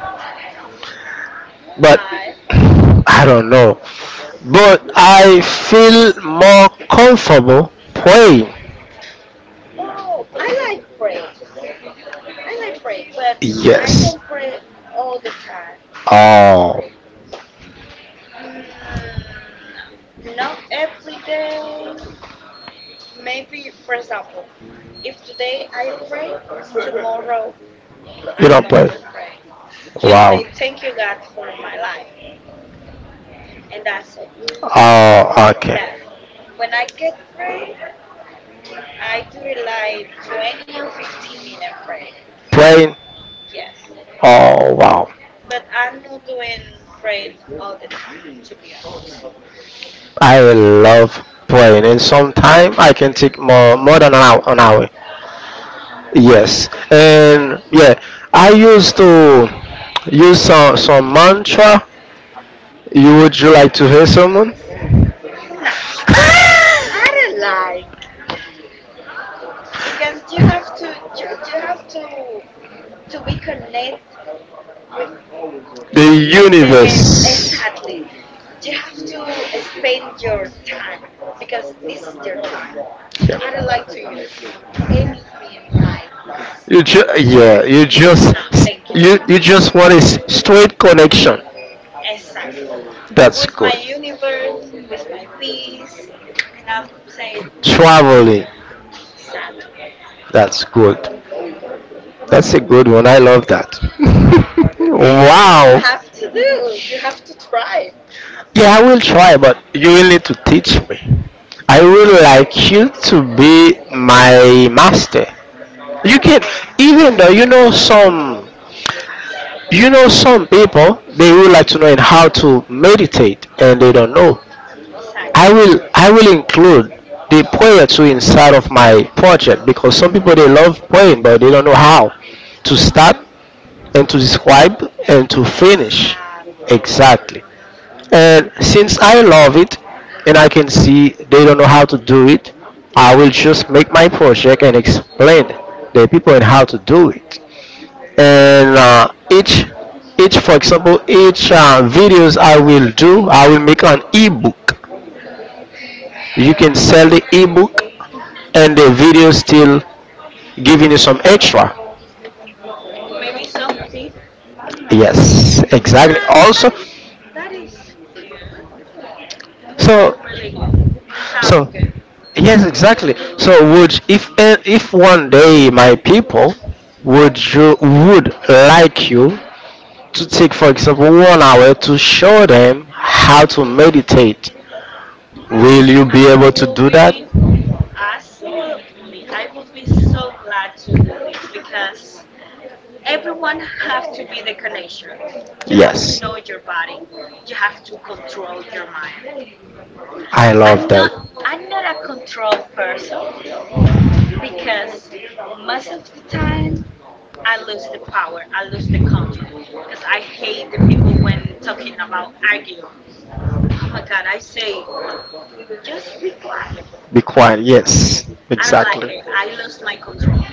[SPEAKER 1] but
[SPEAKER 2] Why?
[SPEAKER 1] I don't know. But I feel more comfortable
[SPEAKER 2] Mhm.
[SPEAKER 1] praying.
[SPEAKER 2] Oh, I like pray. I like pray, but I
[SPEAKER 1] Yes.
[SPEAKER 2] don't pray all the time.
[SPEAKER 1] Oh,
[SPEAKER 2] Mm, no, not every day. Maybe, for example, if today I pray, tomorrow
[SPEAKER 1] you
[SPEAKER 2] I'm not
[SPEAKER 1] don't
[SPEAKER 2] going
[SPEAKER 1] pray.
[SPEAKER 2] to pray. Just
[SPEAKER 1] Wow.
[SPEAKER 2] say, thank you, God, for my life. And that's it.
[SPEAKER 1] Oh, okay.
[SPEAKER 2] But
[SPEAKER 1] Yeah.
[SPEAKER 2] when I get pray, I do it like 20 or 15-minute praying.
[SPEAKER 1] Praying.
[SPEAKER 2] Yes.
[SPEAKER 1] Oh, wow,
[SPEAKER 2] But I'm not doing praying all the time, to be honest.
[SPEAKER 1] I love praying. And sometimes I can take more than an hour. An hour. Yes,
[SPEAKER 2] Okay.
[SPEAKER 1] and yeah, I used to use some mantra.
[SPEAKER 2] Hmm.
[SPEAKER 1] You Would you like to hear someone?
[SPEAKER 2] Nah, I don't like because you have to be connect with
[SPEAKER 1] The
[SPEAKER 2] the
[SPEAKER 1] universe.
[SPEAKER 2] exactly you have to spend your time because this is your time.
[SPEAKER 1] Yeah.
[SPEAKER 2] I don't like to
[SPEAKER 1] Do
[SPEAKER 2] use anything like this.
[SPEAKER 1] that. You just.
[SPEAKER 2] No,
[SPEAKER 1] Thank
[SPEAKER 2] thank you,
[SPEAKER 1] you. You just want a straight connection.
[SPEAKER 2] exactly,
[SPEAKER 1] That's
[SPEAKER 2] with my
[SPEAKER 1] good.
[SPEAKER 2] universe, with my peace. And I'm saying
[SPEAKER 1] Traveling.
[SPEAKER 2] sadly,
[SPEAKER 1] That's good. That's a good one. I love that. You
[SPEAKER 2] but you
[SPEAKER 1] Wow.
[SPEAKER 2] have to do you have to try.
[SPEAKER 1] Yeah, I will try, but you will need to teach me. I would
[SPEAKER 2] Okay.
[SPEAKER 1] like you to be my master. You can,
[SPEAKER 2] Okay.
[SPEAKER 1] even though you know some people, they would like to know in how to meditate and they don't know.
[SPEAKER 2] Exactly.
[SPEAKER 1] I will include the prayer too inside of my project, because some people they love praying but they don't know how to start
[SPEAKER 2] Mm-hmm.
[SPEAKER 1] and to describe
[SPEAKER 2] And
[SPEAKER 1] and to finish.
[SPEAKER 2] exactly.
[SPEAKER 1] Exactly. And since I love it and I can see they don't know how to do it, I will just make my project and explain the people and how to do it. And each for example, each videos I will do, I will make an ebook. You can sell the ebook and
[SPEAKER 2] Mm-hmm.
[SPEAKER 1] the video still giving you some extra.
[SPEAKER 2] Maybe something.
[SPEAKER 1] Yes, exactly.
[SPEAKER 2] No, but
[SPEAKER 1] Also,
[SPEAKER 2] that is good. Really,
[SPEAKER 1] so
[SPEAKER 2] really good. Sound
[SPEAKER 1] So, okay.
[SPEAKER 2] good.
[SPEAKER 1] Yes, exactly. So, would if eh, if one day my people would you would like you to take, for example, 1 hour to show them how to meditate,
[SPEAKER 2] Oh,
[SPEAKER 1] will you be
[SPEAKER 2] I
[SPEAKER 1] able to
[SPEAKER 2] will
[SPEAKER 1] do that?
[SPEAKER 2] be absolutely. I will be so glad to do this because everyone have to be the connection. You have to
[SPEAKER 1] Yes.
[SPEAKER 2] know your body. You have to control your mind.
[SPEAKER 1] I love
[SPEAKER 2] I'm
[SPEAKER 1] that.
[SPEAKER 2] not I'm not a control person because most of the time I lose the power. I lose the control because I hate the people when talking about argue. Oh my God, I say, just be quiet.
[SPEAKER 1] Be quiet. Yes, I do like,
[SPEAKER 2] I don't like
[SPEAKER 1] exactly.
[SPEAKER 2] it. I lost my control,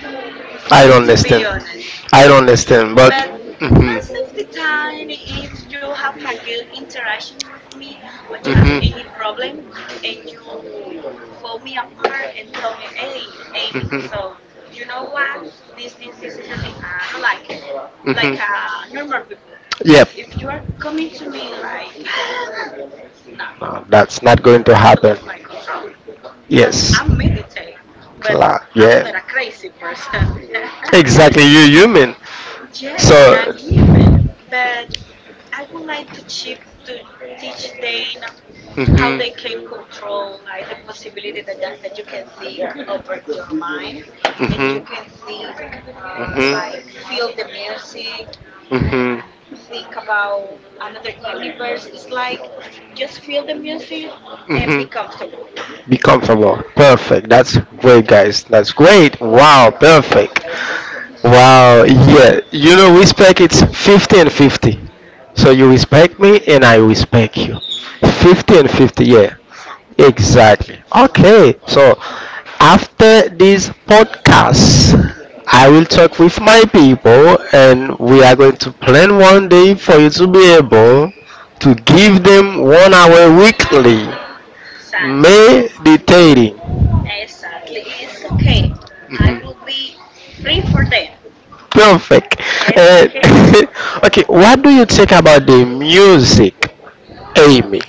[SPEAKER 1] I don't
[SPEAKER 2] to be honest.
[SPEAKER 1] I don't understand. But
[SPEAKER 2] But most of the time, if you have a good interaction with me or you have any problem and you fall me apart and tell me, hey, Amy, so you know what? This is a li- I don't like it. Like normal people. But if you are coming to me like, nah,
[SPEAKER 1] No, that's not going
[SPEAKER 2] I'm
[SPEAKER 1] to.
[SPEAKER 2] going to lose my control, because I meditate,
[SPEAKER 1] but
[SPEAKER 2] but
[SPEAKER 1] Cla-
[SPEAKER 2] I'm not a crazy person.
[SPEAKER 1] You human.
[SPEAKER 2] Yes, and I'm human, but I would like to chip to teach them how they can control, like the possibility that you can think over your mind, and you
[SPEAKER 1] Mhm.
[SPEAKER 2] can think
[SPEAKER 1] Mhm.
[SPEAKER 2] like feel the music.
[SPEAKER 1] Mhm.
[SPEAKER 2] Think about another universe. It's like just feel the music and be
[SPEAKER 1] Mhm.
[SPEAKER 2] comfortable.
[SPEAKER 1] Be comfortable. Perfect. That's great, guys. That's great. Wow. Perfect.
[SPEAKER 2] Yes,
[SPEAKER 1] Wow. Yeah. Respect. It's fifty and fifty. So you respect me, and I respect you. Fifty
[SPEAKER 2] exactly.
[SPEAKER 1] and fifty. Yeah.
[SPEAKER 2] Exactly.
[SPEAKER 1] Exactly. Okay. So after this podcast, I will talk with my people and we are going to plan one day for you to be able to give them 1 hour weekly
[SPEAKER 2] Sadly,
[SPEAKER 1] meditating.
[SPEAKER 2] exactly. It's okay. I will
[SPEAKER 1] Mhm.
[SPEAKER 2] be free for then.
[SPEAKER 1] Perfect.
[SPEAKER 2] It's
[SPEAKER 1] Uh,
[SPEAKER 2] okay.
[SPEAKER 1] okay, what do you think about the music, Amy?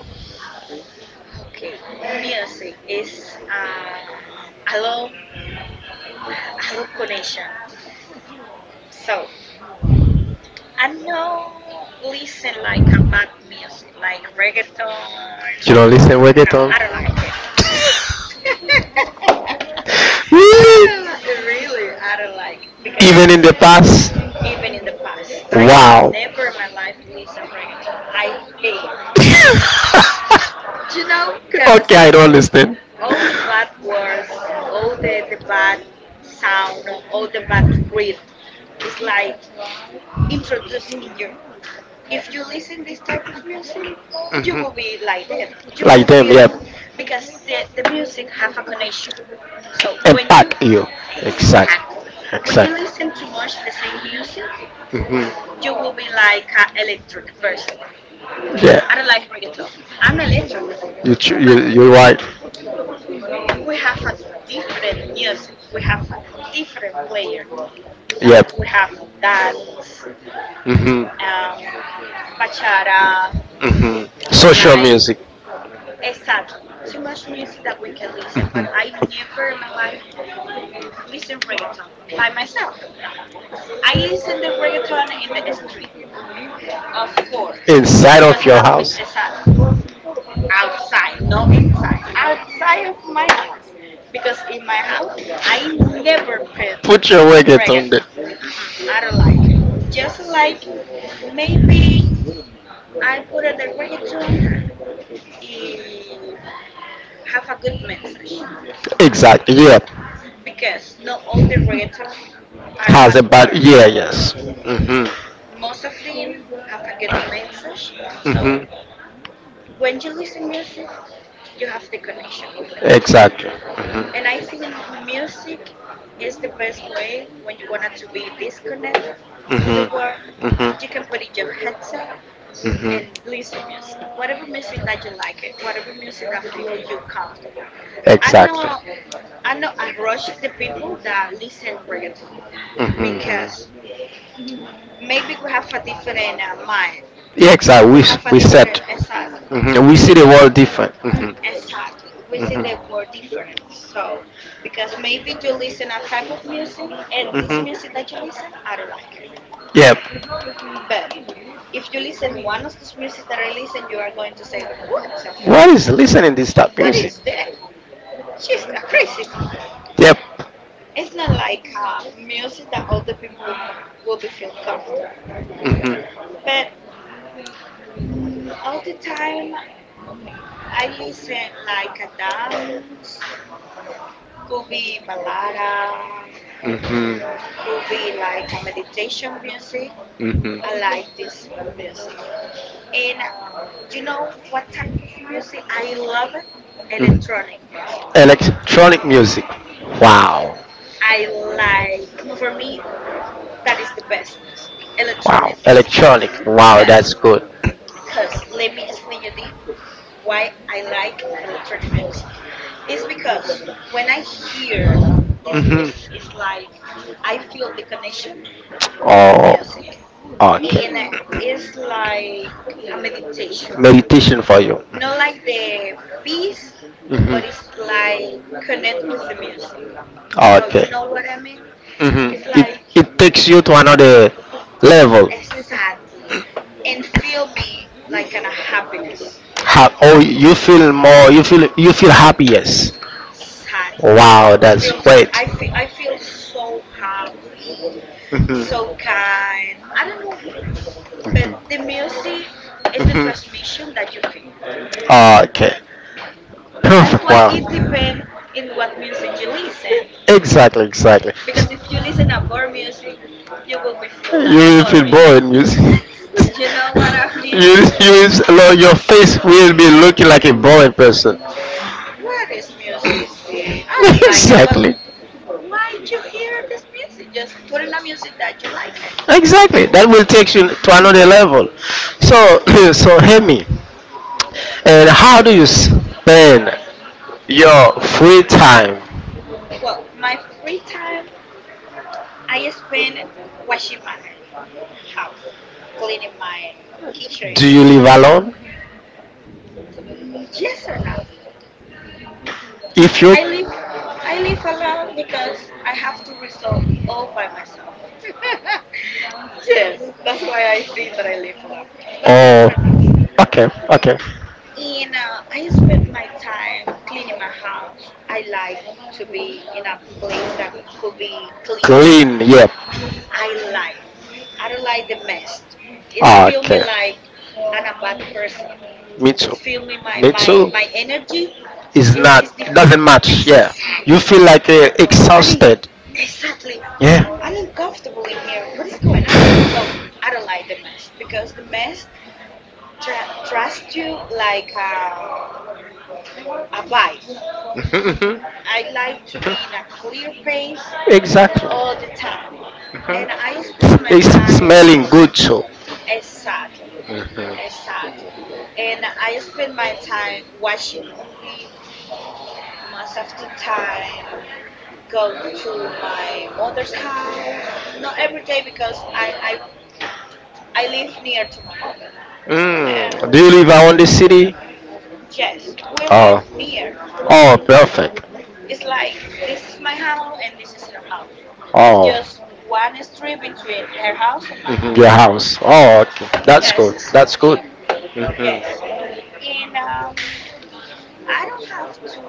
[SPEAKER 2] Okay, music is uh, a long, a long connection. So I no listen like a bad music, like reggaeton.
[SPEAKER 1] You don't listen
[SPEAKER 2] No,
[SPEAKER 1] reggaeton?
[SPEAKER 2] I don't like it. I don't like. Really, I don't like because
[SPEAKER 1] The past.
[SPEAKER 2] even in the past, I never in my life listen reggaeton. I hate. You know, cause
[SPEAKER 1] I don't understand.
[SPEAKER 2] all the bad words, all the bad sound, or all the bad read is like introduced in you. If
[SPEAKER 1] Breath.
[SPEAKER 2] you listen this type of music, you will be like that. You will feel because the music have a connection. So when you, exactly, when you listen
[SPEAKER 1] Exact.
[SPEAKER 2] too much the same music,
[SPEAKER 1] Hmm.
[SPEAKER 2] you will be like an electric person. I don't like reggaeton. I'm electric, but
[SPEAKER 1] You're right.
[SPEAKER 2] we have a different music. We have a different player. So we have dance,
[SPEAKER 1] Mhm.
[SPEAKER 2] um, bachata,
[SPEAKER 1] Mhm.
[SPEAKER 2] like, exactly, too much music that we can listen. But I never in my life listen reggaeton by myself. No, I listen the reggaeton in the street, of course,
[SPEAKER 1] Inside.
[SPEAKER 2] because I'm the, exactly, outside, no inside, outside of my house. Because in my house I never put
[SPEAKER 1] Put your there.
[SPEAKER 2] reggaeton. Mm-mm, I don't like it. Just like maybe I put it the reggaeton if have a good message,
[SPEAKER 1] Exactly. Yeah.
[SPEAKER 2] because not all the reggaeton are a
[SPEAKER 1] Has
[SPEAKER 2] bad
[SPEAKER 1] a bad,
[SPEAKER 2] word.
[SPEAKER 1] yeah, yes. Mhm.
[SPEAKER 2] Most of them have a good message. So
[SPEAKER 1] Mhm.
[SPEAKER 2] when you listen music, you have the connection with the music.
[SPEAKER 1] Exactly. Mhm.
[SPEAKER 2] And I think music is the best way when you want to be disconnect to the
[SPEAKER 1] Mhm.
[SPEAKER 2] world. You can
[SPEAKER 1] Mhm.
[SPEAKER 2] put in your headset and
[SPEAKER 1] Mhm.
[SPEAKER 2] listen music, whatever music that you like it, whatever music that feel you comfortable. I
[SPEAKER 1] Exactly.
[SPEAKER 2] know I know I rush the people that listen reggaeton
[SPEAKER 1] Mhm.
[SPEAKER 2] because maybe we have a different mind.
[SPEAKER 1] Yeah, exactly. We
[SPEAKER 2] We have a
[SPEAKER 1] we said.
[SPEAKER 2] different, exactly.
[SPEAKER 1] Mhm. We
[SPEAKER 2] We
[SPEAKER 1] see the
[SPEAKER 2] don't,
[SPEAKER 1] world different. Mhm.
[SPEAKER 2] exactly. We see the word different. So because maybe you listen a type of music and this music
[SPEAKER 1] Mhm.
[SPEAKER 2] that you listen, I don't like it.
[SPEAKER 1] Yep.
[SPEAKER 2] But if you listen one of this music that I listen, you are going to say, "What the
[SPEAKER 1] What is listening this type
[SPEAKER 2] What
[SPEAKER 1] music?
[SPEAKER 2] is that? She's a crazy."
[SPEAKER 1] Yep.
[SPEAKER 2] It's not like music that all the people will be feel comfortable.
[SPEAKER 1] Mhm.
[SPEAKER 2] But all the time I listen like a dance, could be balada,
[SPEAKER 1] Mhm.
[SPEAKER 2] could be like a meditation music.
[SPEAKER 1] Mhm.
[SPEAKER 2] I like this music. And you know what type of music I love it? Electronic music.
[SPEAKER 1] Electronic music. Wow.
[SPEAKER 2] I like, for me, that is the best music, electronic music.
[SPEAKER 1] Electronic. Wow,
[SPEAKER 2] Cause,
[SPEAKER 1] good.
[SPEAKER 2] cause, let me explain you the why I like electronic music is because when I hear this
[SPEAKER 1] Mhm.
[SPEAKER 2] music, it's like I feel the connection with the
[SPEAKER 1] Oh,
[SPEAKER 2] music, and it's like a meditation.
[SPEAKER 1] meditation for you.
[SPEAKER 2] Not like the peace, but it's
[SPEAKER 1] Mhm.
[SPEAKER 2] like connect with the music. So you know what I mean?
[SPEAKER 1] Hmm.
[SPEAKER 2] It's like,
[SPEAKER 1] It takes you to another level.
[SPEAKER 2] exactly, and feel me like an a happiness.
[SPEAKER 1] Oh, you feel more. You feel happiest.
[SPEAKER 2] Sadly,
[SPEAKER 1] Wow,
[SPEAKER 2] you feel.
[SPEAKER 1] I.
[SPEAKER 2] I feel so happy,
[SPEAKER 1] Mhm.
[SPEAKER 2] so kind. I don't know why, but the
[SPEAKER 1] Mhm.
[SPEAKER 2] music is the transmission
[SPEAKER 1] Mhm.
[SPEAKER 2] that you feel.
[SPEAKER 1] Okay. That's
[SPEAKER 2] That's why it
[SPEAKER 1] perfect. Wow.
[SPEAKER 2] depends in what music you listen.
[SPEAKER 1] Exactly. Exactly.
[SPEAKER 2] Because if you listen to boring
[SPEAKER 1] A.
[SPEAKER 2] music, you will be feel
[SPEAKER 1] You
[SPEAKER 2] like
[SPEAKER 1] will feel
[SPEAKER 2] boring.
[SPEAKER 1] bored music.
[SPEAKER 2] You know
[SPEAKER 1] you,
[SPEAKER 2] what I mean?
[SPEAKER 1] your face will be looking like a boring person.
[SPEAKER 2] What is
[SPEAKER 1] Don't
[SPEAKER 2] music?
[SPEAKER 1] it,
[SPEAKER 2] The I don't
[SPEAKER 1] but
[SPEAKER 2] like it, but
[SPEAKER 1] exactly.
[SPEAKER 2] why you hear this music? Just put in a music that you like it.
[SPEAKER 1] Exactly. That will take you to another level. So,
[SPEAKER 2] Exactly.
[SPEAKER 1] Hemi, and how do you spend your free time?
[SPEAKER 2] Well, my free time I spend washing my house, cleaning my kitchen.
[SPEAKER 1] You live alone?
[SPEAKER 2] Mm, yes or no?
[SPEAKER 1] If you.
[SPEAKER 2] I live I live alone because I have to resolve all by myself. Yes, that's why I think that I live alone. But yes
[SPEAKER 1] Oh,
[SPEAKER 2] or no?
[SPEAKER 1] okay, okay.
[SPEAKER 2] In I spend my time cleaning my house. I like to be in a place that could be clear.
[SPEAKER 1] Yep.
[SPEAKER 2] I like. I don't like the mess. It feel me like I'm a bad person.
[SPEAKER 1] Me.
[SPEAKER 2] It's fill me my energy
[SPEAKER 1] It's different.
[SPEAKER 2] is
[SPEAKER 1] Match.
[SPEAKER 2] is
[SPEAKER 1] Exactly,
[SPEAKER 2] different. Exactly.
[SPEAKER 1] feel like, I
[SPEAKER 2] I mean,
[SPEAKER 1] mean.
[SPEAKER 2] exactly.
[SPEAKER 1] Yeah.
[SPEAKER 2] I'm uncomfortable in here. What is going on? So I don't like the mess because the mess trusts you like a wife.
[SPEAKER 1] Mhm, mhm.
[SPEAKER 2] I like to be in a clear place
[SPEAKER 1] Exactly.
[SPEAKER 2] all the time, and I spend my time,
[SPEAKER 1] Mhm. Good too.
[SPEAKER 2] exactly,
[SPEAKER 1] Mhm.
[SPEAKER 2] exactly, and I spend my time watching movie most of the time go to my mother's house. Not every day because I live near to my mother. And
[SPEAKER 1] Mm. Do you And live around the city?
[SPEAKER 2] yes, we live near.
[SPEAKER 1] Oh, perfect.
[SPEAKER 2] It's like this is my house and this is her house. It's
[SPEAKER 1] Oh,
[SPEAKER 2] just one street between her house and my
[SPEAKER 1] mhm.
[SPEAKER 2] house.
[SPEAKER 1] Your house. Oh, okay. That's
[SPEAKER 2] Yes,
[SPEAKER 1] good.
[SPEAKER 2] it's so
[SPEAKER 1] That's good.
[SPEAKER 2] near. Yes.
[SPEAKER 1] Mhm.
[SPEAKER 2] And I don't have to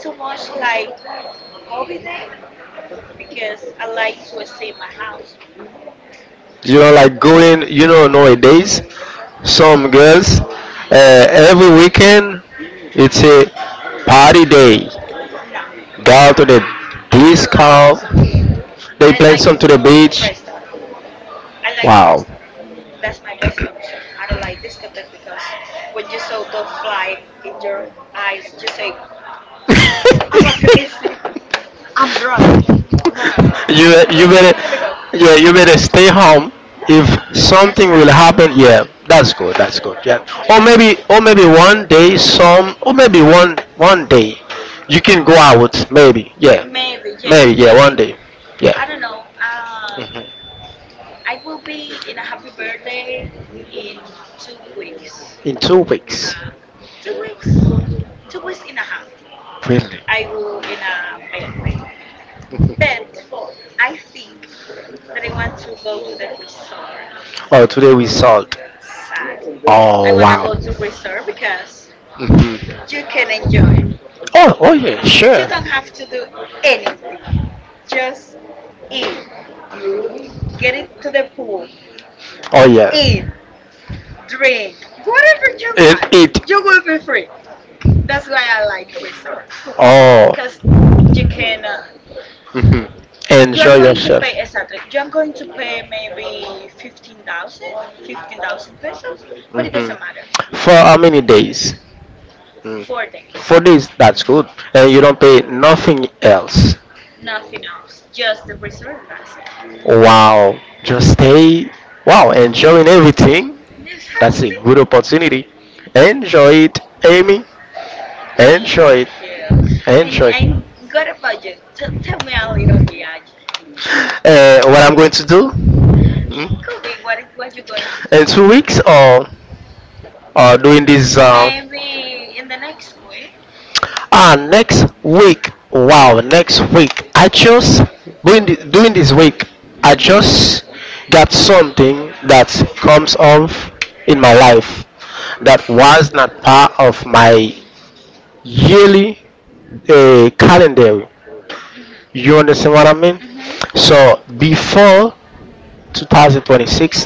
[SPEAKER 2] too much like hobby day because I like to stay in my house.
[SPEAKER 1] you know like going you know Nowadays some girls, every weekend it's a party day,
[SPEAKER 2] No,
[SPEAKER 1] go to the
[SPEAKER 2] I don't like
[SPEAKER 1] disco,
[SPEAKER 2] discotheque.
[SPEAKER 1] they
[SPEAKER 2] I
[SPEAKER 1] play
[SPEAKER 2] like
[SPEAKER 1] some to the
[SPEAKER 2] more
[SPEAKER 1] beach.
[SPEAKER 2] restaurant. I like
[SPEAKER 1] Wow.
[SPEAKER 2] restaurant. That's my best option. I don't like discotheque because when you saw the fly in your eyes, you say, "I'm a
[SPEAKER 1] Crystal.
[SPEAKER 2] crazy. I'm drunk." No, no, no, no, no.
[SPEAKER 1] you you
[SPEAKER 2] Let me,
[SPEAKER 1] better
[SPEAKER 2] let me go.
[SPEAKER 1] yeah you better stay home if something will
[SPEAKER 2] Exactly.
[SPEAKER 1] happen. Yeah, that's good. That's good. Yeah. or
[SPEAKER 2] Yes.
[SPEAKER 1] maybe or maybe one day some, or maybe one day you can go out maybe. Yeah,
[SPEAKER 2] Maybe. Yes.
[SPEAKER 1] maybe. Yeah, one
[SPEAKER 2] Maybe.
[SPEAKER 1] day. I yeah
[SPEAKER 2] I don't know.
[SPEAKER 1] I Mhm.
[SPEAKER 2] I will be in a happy birthday in 2 weeks.
[SPEAKER 1] In 2 weeks,
[SPEAKER 2] Nah, 2 weeks. 2 weeks and a half.
[SPEAKER 1] really.
[SPEAKER 2] I will in a birthday. But I think that I want to go to the resort.
[SPEAKER 1] Oh, today we sold. I.
[SPEAKER 2] Sadly, I
[SPEAKER 1] Oh,
[SPEAKER 2] want to
[SPEAKER 1] wow.
[SPEAKER 2] go to resort because
[SPEAKER 1] Mhm.
[SPEAKER 2] you can enjoy.
[SPEAKER 1] Oh, yeah, you
[SPEAKER 2] You
[SPEAKER 1] sure.
[SPEAKER 2] don't have to do anything. Just eat, get into the pool,
[SPEAKER 1] Oh, yeah.
[SPEAKER 2] eat, drink, whatever you
[SPEAKER 1] it
[SPEAKER 2] want. You
[SPEAKER 1] it
[SPEAKER 2] will be free. That's why I like resort
[SPEAKER 1] Oh,
[SPEAKER 2] because you can
[SPEAKER 1] mhm.
[SPEAKER 2] you are
[SPEAKER 1] Enjoy.
[SPEAKER 2] going to pay, exactly, you are going to pay maybe 15,000, 15,000 pesos, but it
[SPEAKER 1] Mhm.
[SPEAKER 2] doesn't matter.
[SPEAKER 1] For how many days? Mm.
[SPEAKER 2] 4 days.
[SPEAKER 1] 4 days, that's good. And you don't pay nothing else.
[SPEAKER 2] Nothing else, just the resort, and that's it.
[SPEAKER 1] Wow. Just stay, wow, enjoying everything.
[SPEAKER 2] Exactly.
[SPEAKER 1] Good opportunity. Enjoy it, Amy. Enjoy
[SPEAKER 2] Thank
[SPEAKER 1] it.
[SPEAKER 2] you. And what about you? Tell me a little bit, Ajay.
[SPEAKER 1] What I'm going to do. Mhm.
[SPEAKER 2] Kobe, what you going to do
[SPEAKER 1] In 2 weeks, or doing this,
[SPEAKER 2] maybe in the next week?
[SPEAKER 1] next week. Wow, next week. I just doing this week. I
[SPEAKER 2] Mm-hmm.
[SPEAKER 1] just got something that comes off in my life that was not part of my yearly calendar.
[SPEAKER 2] Mm-hmm.
[SPEAKER 1] You understand what I mean? Hmm.
[SPEAKER 2] Mm-hmm.
[SPEAKER 1] So before 2026,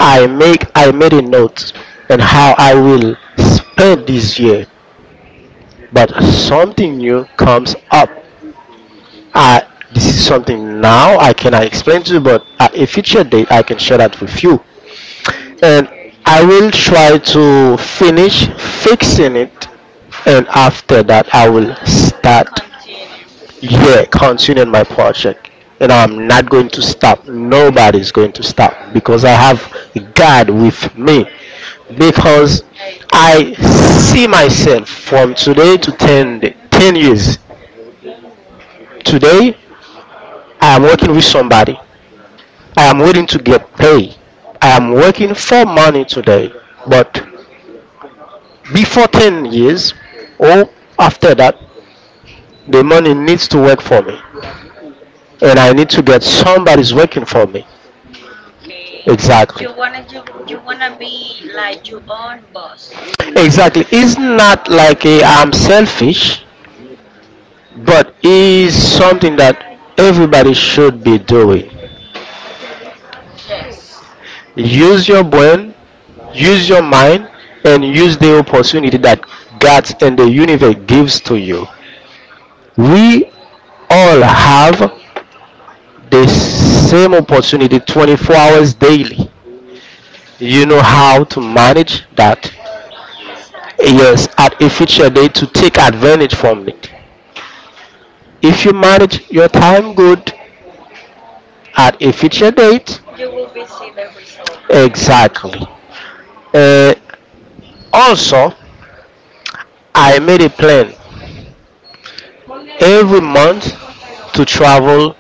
[SPEAKER 1] I made a note on how I will spend this year, but something new comes up. I This is something now I cannot explain to you, but at a future date I can share that with you, and I will try to finish fixing it, and after that I will start,
[SPEAKER 2] Continue.
[SPEAKER 1] yeah, continue my project. And I'm not going to stop. Nobody's going to stop because I have
[SPEAKER 2] No.
[SPEAKER 1] God with me. Because
[SPEAKER 2] Amen.
[SPEAKER 1] I see myself from today to 10 ten years. Today, I am working with somebody. I am waiting to get paid. I am working for money today. But before 10 years or after that, the money needs to work for me. And I need to get somebody's working for me.
[SPEAKER 2] Okay.
[SPEAKER 1] Exactly.
[SPEAKER 2] You wanna be like your own boss.
[SPEAKER 1] Exactly. It's not like a I'm selfish,
[SPEAKER 2] Mhm.
[SPEAKER 1] but it's something that everybody should be doing.
[SPEAKER 2] Yes.
[SPEAKER 1] Use your brain, use your mind, and use the opportunity that God and the universe gives to you. We all have the same opportunity 24 hours daily. You know how to manage that.
[SPEAKER 2] Exactly.
[SPEAKER 1] Yes, at a future date to take advantage from it if you manage your time good at a future date.
[SPEAKER 2] You will be see the result.
[SPEAKER 1] Exactly. uh, Also, I made a plan every month to travel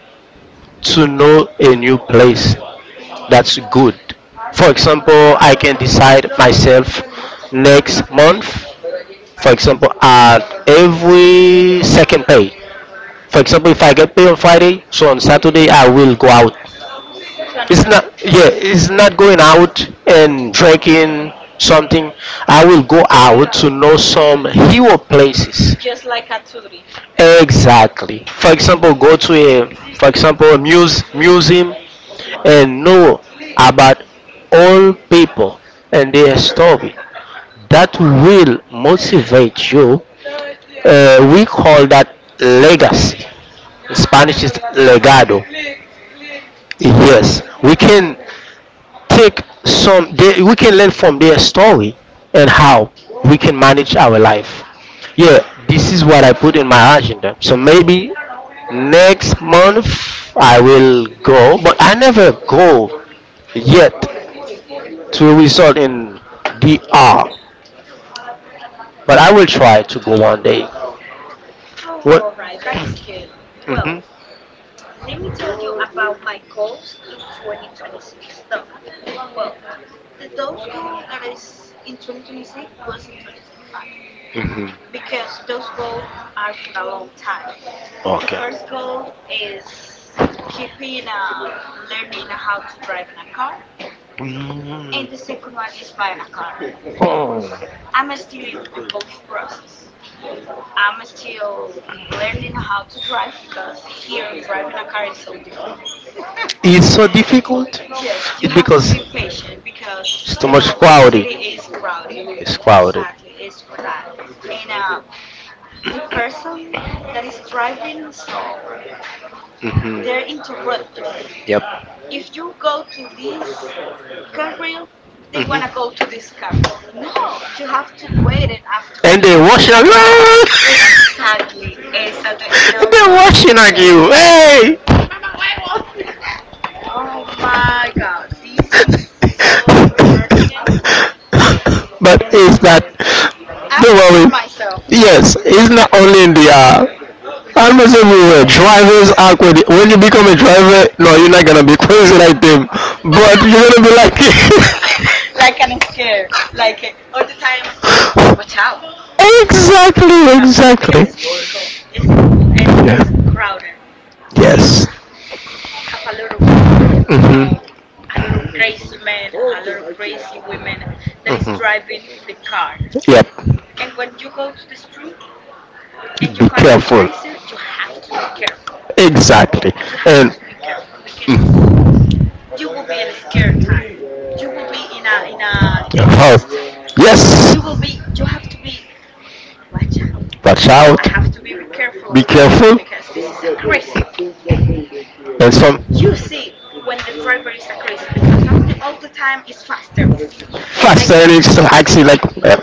[SPEAKER 1] to know a new place. That's good. For
[SPEAKER 2] Mhm.
[SPEAKER 1] example, I can decide myself next month. For example, at every second pay. For example, if I get paid on Friday, so on Saturday I will go out.
[SPEAKER 2] To
[SPEAKER 1] It's
[SPEAKER 2] another
[SPEAKER 1] not, yeah,
[SPEAKER 2] place,
[SPEAKER 1] it's not going out and drinking something. I will go out to know some hero places.
[SPEAKER 2] just like a Aturi.
[SPEAKER 1] Exactly. For example, go to a, for example, a museum
[SPEAKER 2] Mhm.
[SPEAKER 1] and know about all people and their story. That will motivate you. We call that legacy. In Spanish is legado. Yes, we can take some they, we can learn from their story and
[SPEAKER 2] Mhm.
[SPEAKER 1] how we can manage our life. Yeah, this is what I put in my agenda, so maybe next month I will go, but I never go yet to
[SPEAKER 2] Mhm.
[SPEAKER 1] result in DR, but I will try to go one day.
[SPEAKER 2] All
[SPEAKER 1] What?
[SPEAKER 2] right, that is good. Well,
[SPEAKER 1] Mhm.
[SPEAKER 2] let me tell you about my goals in 2026, though. Well, the those goal that is in 2026 was in 2025
[SPEAKER 1] Mhm.
[SPEAKER 2] because those goals are for a long time. The first goal is keeping learning how to drive in a car,
[SPEAKER 1] Mm.
[SPEAKER 2] and the second one
[SPEAKER 1] Mm.
[SPEAKER 2] is buying a car.
[SPEAKER 1] Oh,
[SPEAKER 2] I'm still in both process. I'm still learning how to drive because here driving a car is so difficult.
[SPEAKER 1] it's so difficult.
[SPEAKER 2] Yes, you
[SPEAKER 1] Yes,
[SPEAKER 2] have to be patient because you know this city is crowded. Sadly, it's for that, and the person that is driving, so they
[SPEAKER 1] hmm.
[SPEAKER 2] interrupt you.
[SPEAKER 1] Yep.
[SPEAKER 2] If you go to this carril, they want to go to this carril. No, you have to wait it after me.
[SPEAKER 1] Washing on
[SPEAKER 2] That's
[SPEAKER 1] you.
[SPEAKER 2] exactly. Exactly. And oh my God.
[SPEAKER 1] Hey!
[SPEAKER 2] that- Oh my God. This is so
[SPEAKER 1] Is.
[SPEAKER 2] impertinent.
[SPEAKER 1] But
[SPEAKER 2] And I'm
[SPEAKER 1] it's not.
[SPEAKER 2] I'm prepared myself.
[SPEAKER 1] Yes, it's not only in the
[SPEAKER 2] It's
[SPEAKER 1] almost
[SPEAKER 2] every
[SPEAKER 1] everywhere.
[SPEAKER 2] way.
[SPEAKER 1] Drivers awkward. When you become a driver, no, you're not gonna be crazy like them. Gonna be like,
[SPEAKER 2] Like I'm scared. Like all the time, watch out. Watch out. Watch out. Because
[SPEAKER 1] exactly,
[SPEAKER 2] it's difficult. It's difficult. And it's crowded. Here
[SPEAKER 1] yes.
[SPEAKER 2] have a lot of car,
[SPEAKER 1] Mhm.
[SPEAKER 2] so a lot of crazy men, a lot of crazy women that is driving the car.
[SPEAKER 1] Yep.
[SPEAKER 2] And when you go to the street and you find a crazy, you have to be careful.
[SPEAKER 1] Careful. Exactly.
[SPEAKER 2] You have
[SPEAKER 1] You
[SPEAKER 2] to be careful because
[SPEAKER 1] mm,
[SPEAKER 2] you will be in a scared time. You will be in a dangerous.
[SPEAKER 1] time.
[SPEAKER 2] You will be. You have to be. Watch out.
[SPEAKER 1] Watch.
[SPEAKER 2] I have to
[SPEAKER 1] I.
[SPEAKER 2] be careful with that person because this is a crazy.
[SPEAKER 1] And
[SPEAKER 2] But
[SPEAKER 1] some
[SPEAKER 2] you see when the driver is a crazy because of the all the time is faster, like a,
[SPEAKER 1] actually like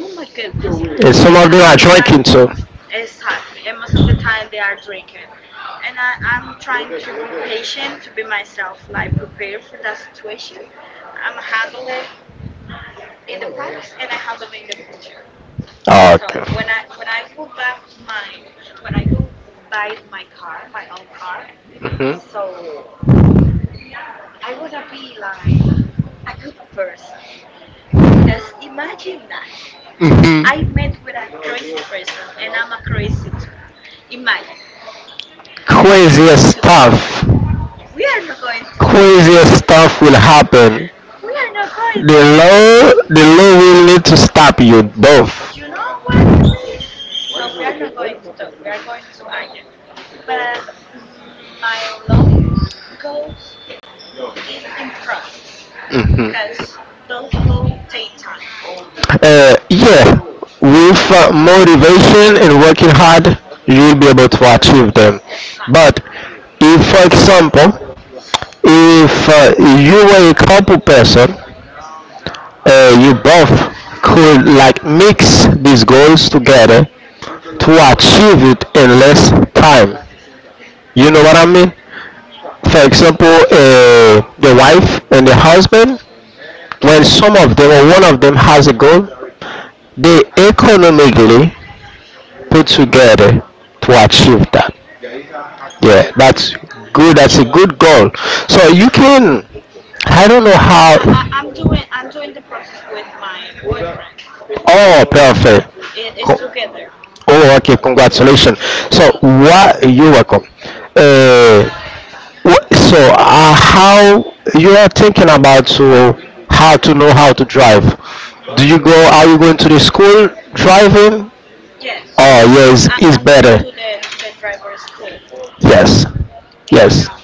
[SPEAKER 2] oh my goodness. But I'm trying, exactly, and most of the time they are drinking, and I'm trying to be patient, to be myself, like prepare for that situation. I'm handle it in the past and I handle it in the future. So when I will buy my when I go buy my car, my own car,
[SPEAKER 1] mhm.
[SPEAKER 2] so I want to be like a good person because imagine that
[SPEAKER 1] Mhm.
[SPEAKER 2] I met with a crazy person and I'm a crazy too. Imagine we are not
[SPEAKER 1] Crazy
[SPEAKER 2] going to talk.
[SPEAKER 1] stuff.
[SPEAKER 2] We are not going to talk.
[SPEAKER 1] Craziest stuff will happen.
[SPEAKER 2] We are not
[SPEAKER 1] The
[SPEAKER 2] going to
[SPEAKER 1] to.
[SPEAKER 2] talk.
[SPEAKER 1] law, the law will need to stop you both.
[SPEAKER 2] You know what it means? So we are not going to talk. We are going to argue. But my long goals is in process
[SPEAKER 1] Mhm.
[SPEAKER 2] because those goals take time.
[SPEAKER 1] Yeah, with motivation and working hard, you'll be able to achieve them.
[SPEAKER 2] Exactly.
[SPEAKER 1] But if, for example, if you were a couple person, you both could like mix these goals together to achieve it in less time. You know what I mean?
[SPEAKER 2] Hmm.
[SPEAKER 1] For example, the wife and the husband, when some of them or one of them has a goal, they economically put
[SPEAKER 2] Hmm.
[SPEAKER 1] together to achieve that. Yeah, that's good. That's a good goal. So you can I don't know how.
[SPEAKER 2] I'm doing the process with my boyfriend.
[SPEAKER 1] Oh, perfect.
[SPEAKER 2] Exactly, it's
[SPEAKER 1] Co-
[SPEAKER 2] together.
[SPEAKER 1] Oh, okay. Congratulations. So,
[SPEAKER 2] Thank you.
[SPEAKER 1] what you're welcome. Uh, wh- so, how you are thinking about to how to know how to drive? Do you
[SPEAKER 2] Hmm.
[SPEAKER 1] go? Are you going to the school driving?
[SPEAKER 2] Yes,
[SPEAKER 1] Oh, yes, it's
[SPEAKER 2] I'm going
[SPEAKER 1] better.
[SPEAKER 2] to the driver school,
[SPEAKER 1] Yes,
[SPEAKER 2] and
[SPEAKER 1] yes.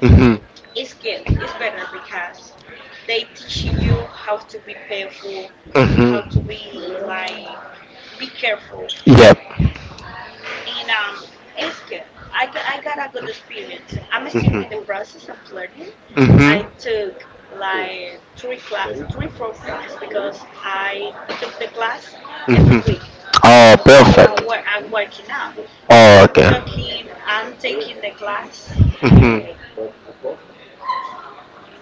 [SPEAKER 1] Hmm.
[SPEAKER 2] it's good. It's better because they teaching you how to be careful, how to
[SPEAKER 1] Hmm.
[SPEAKER 2] be like be careful,
[SPEAKER 1] Yep.
[SPEAKER 2] and it's good. I got a good experience. I'm still in the
[SPEAKER 1] Hmm.
[SPEAKER 2] process of learning,
[SPEAKER 1] I.
[SPEAKER 2] I
[SPEAKER 1] Hmm.
[SPEAKER 2] took like three class, three four class because I took the class every
[SPEAKER 1] Hmm.
[SPEAKER 2] week. You
[SPEAKER 1] Oh,
[SPEAKER 2] know,
[SPEAKER 1] uh,
[SPEAKER 2] I'm working out, but
[SPEAKER 1] Oh, I'm okay.
[SPEAKER 2] I'm taking the class.
[SPEAKER 1] Hmm.
[SPEAKER 2] Uh,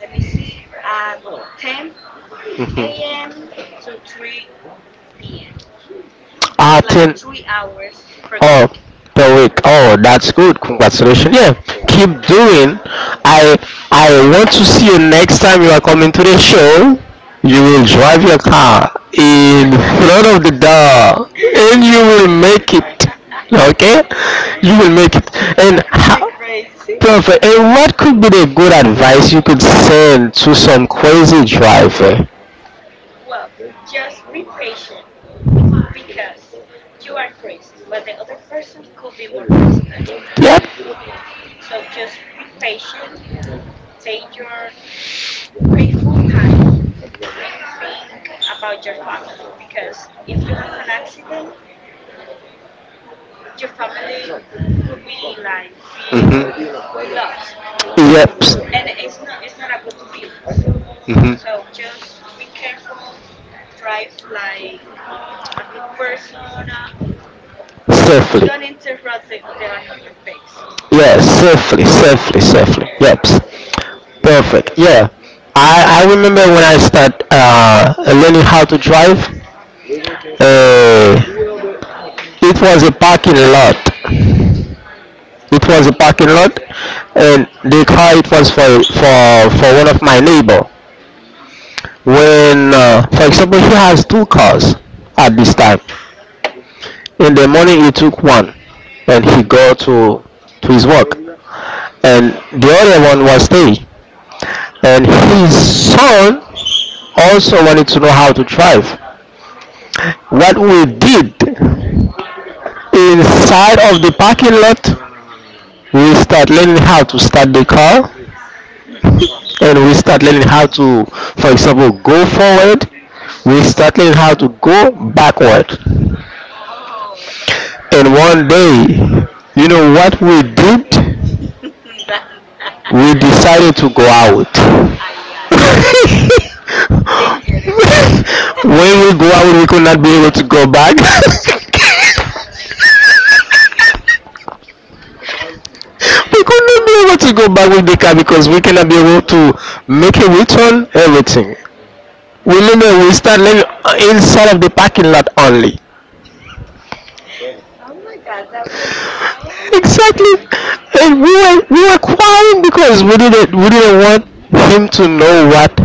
[SPEAKER 2] Let me see, at 10 a.m.
[SPEAKER 1] Hmm.
[SPEAKER 2] to 3 p.m.
[SPEAKER 1] Ah,
[SPEAKER 2] It's like
[SPEAKER 1] 10 oh
[SPEAKER 2] 3 hours per week.
[SPEAKER 1] week. Per week. Oh, that's good. Congratulations. Yeah, keep doing. I I want to see you next time you are coming to the show. You will drive your car in front of the door, and you will make it. Okay, you will make it.
[SPEAKER 2] that
[SPEAKER 1] And
[SPEAKER 2] could be
[SPEAKER 1] how?
[SPEAKER 2] crazy.
[SPEAKER 1] Perfect. And what could be the good advice you could send to some crazy driver?
[SPEAKER 2] Well, just be patient, because you are crazy, but the other person could be more crazy than you.
[SPEAKER 1] Yep.
[SPEAKER 2] So just be patient, take your painful time, and think about your family. Because if you have an accident, your family will be like feel
[SPEAKER 1] Mhm.
[SPEAKER 2] lost,
[SPEAKER 1] Yep.
[SPEAKER 2] and it's not a good feelings.
[SPEAKER 1] Hmm.
[SPEAKER 2] So just be careful, drive like a good person.
[SPEAKER 1] Safely.
[SPEAKER 2] Don't interrupt the another pace.
[SPEAKER 1] Yeah, safely, safely, safely. Yep. Perfect. Yeah. I remember when I start learning how to drive, uh, it was a parking lot. It was a parking lot, and the car it was for one of my neighbor.
[SPEAKER 2] Hmm.
[SPEAKER 1] When for example, he has two cars at this time in the morning, he took one and he go to his work, and the other one was stay. And his son also wanted to know how to drive. What we did inside of the parking lot, we start learning how to start the car. And we start learning how
[SPEAKER 2] Ah.
[SPEAKER 1] to, for example, go forward. We start learning how to go backward.
[SPEAKER 2] Oh,
[SPEAKER 1] And one day, you know what we did?
[SPEAKER 2] gan
[SPEAKER 1] We decided to go out.
[SPEAKER 2] ay ay ay. Dangerous.
[SPEAKER 1] When we go out, we could not be able to go back. We could not be
[SPEAKER 2] Oh
[SPEAKER 1] able to go back with the car
[SPEAKER 2] my
[SPEAKER 1] because
[SPEAKER 2] god.
[SPEAKER 1] we cannot be able to make a return, everything. We. Remember, we start living inside of the parking lot only.
[SPEAKER 2] Oh my god, that was so
[SPEAKER 1] Exactly.
[SPEAKER 2] dangerous.
[SPEAKER 1] And we were crying because we didn't want him to know what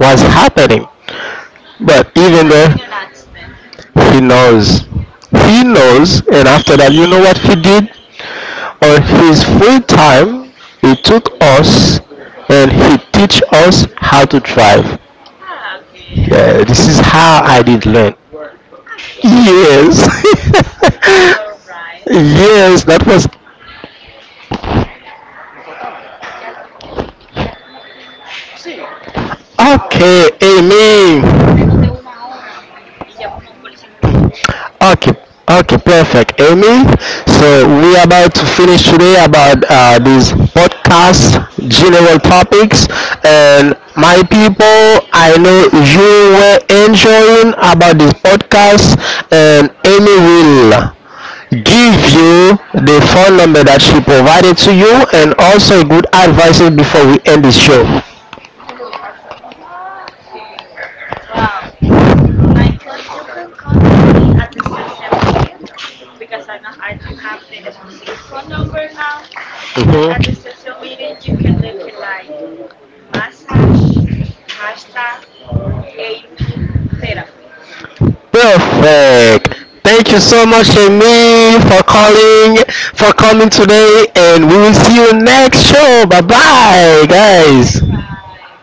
[SPEAKER 1] was happening. But even though
[SPEAKER 2] Imagine an accident.
[SPEAKER 1] he knows, he knows, and after that, you know what he did? On his free time, he took us and he teach us how to drive.
[SPEAKER 2] Okay,
[SPEAKER 1] Yeah, this is how I did learn.
[SPEAKER 2] okay.
[SPEAKER 1] Yes.
[SPEAKER 2] All right.
[SPEAKER 1] Yes, that was
[SPEAKER 2] Ya tenemos.
[SPEAKER 1] okay. Amen. Okay, okay, perfect, Amy. So we are about to finish today about these podcast general topics, and my people, I know you were enjoying about this podcast, and Amy will give you the phone number that she provided to you, and also good advices before we end this show.
[SPEAKER 2] Okay. Wow. My con you could contact me at the social media because I know I don't have the specific phone number now. But at the social meeting, you can look it like
[SPEAKER 1] Mhm.
[SPEAKER 2] massage, hashtag, Amy therapy.
[SPEAKER 1] Perfect. Thank you so much, Amy, for calling, for coming today, and we will see you next show. Bye bye,
[SPEAKER 2] Bye
[SPEAKER 1] guys.
[SPEAKER 2] bye.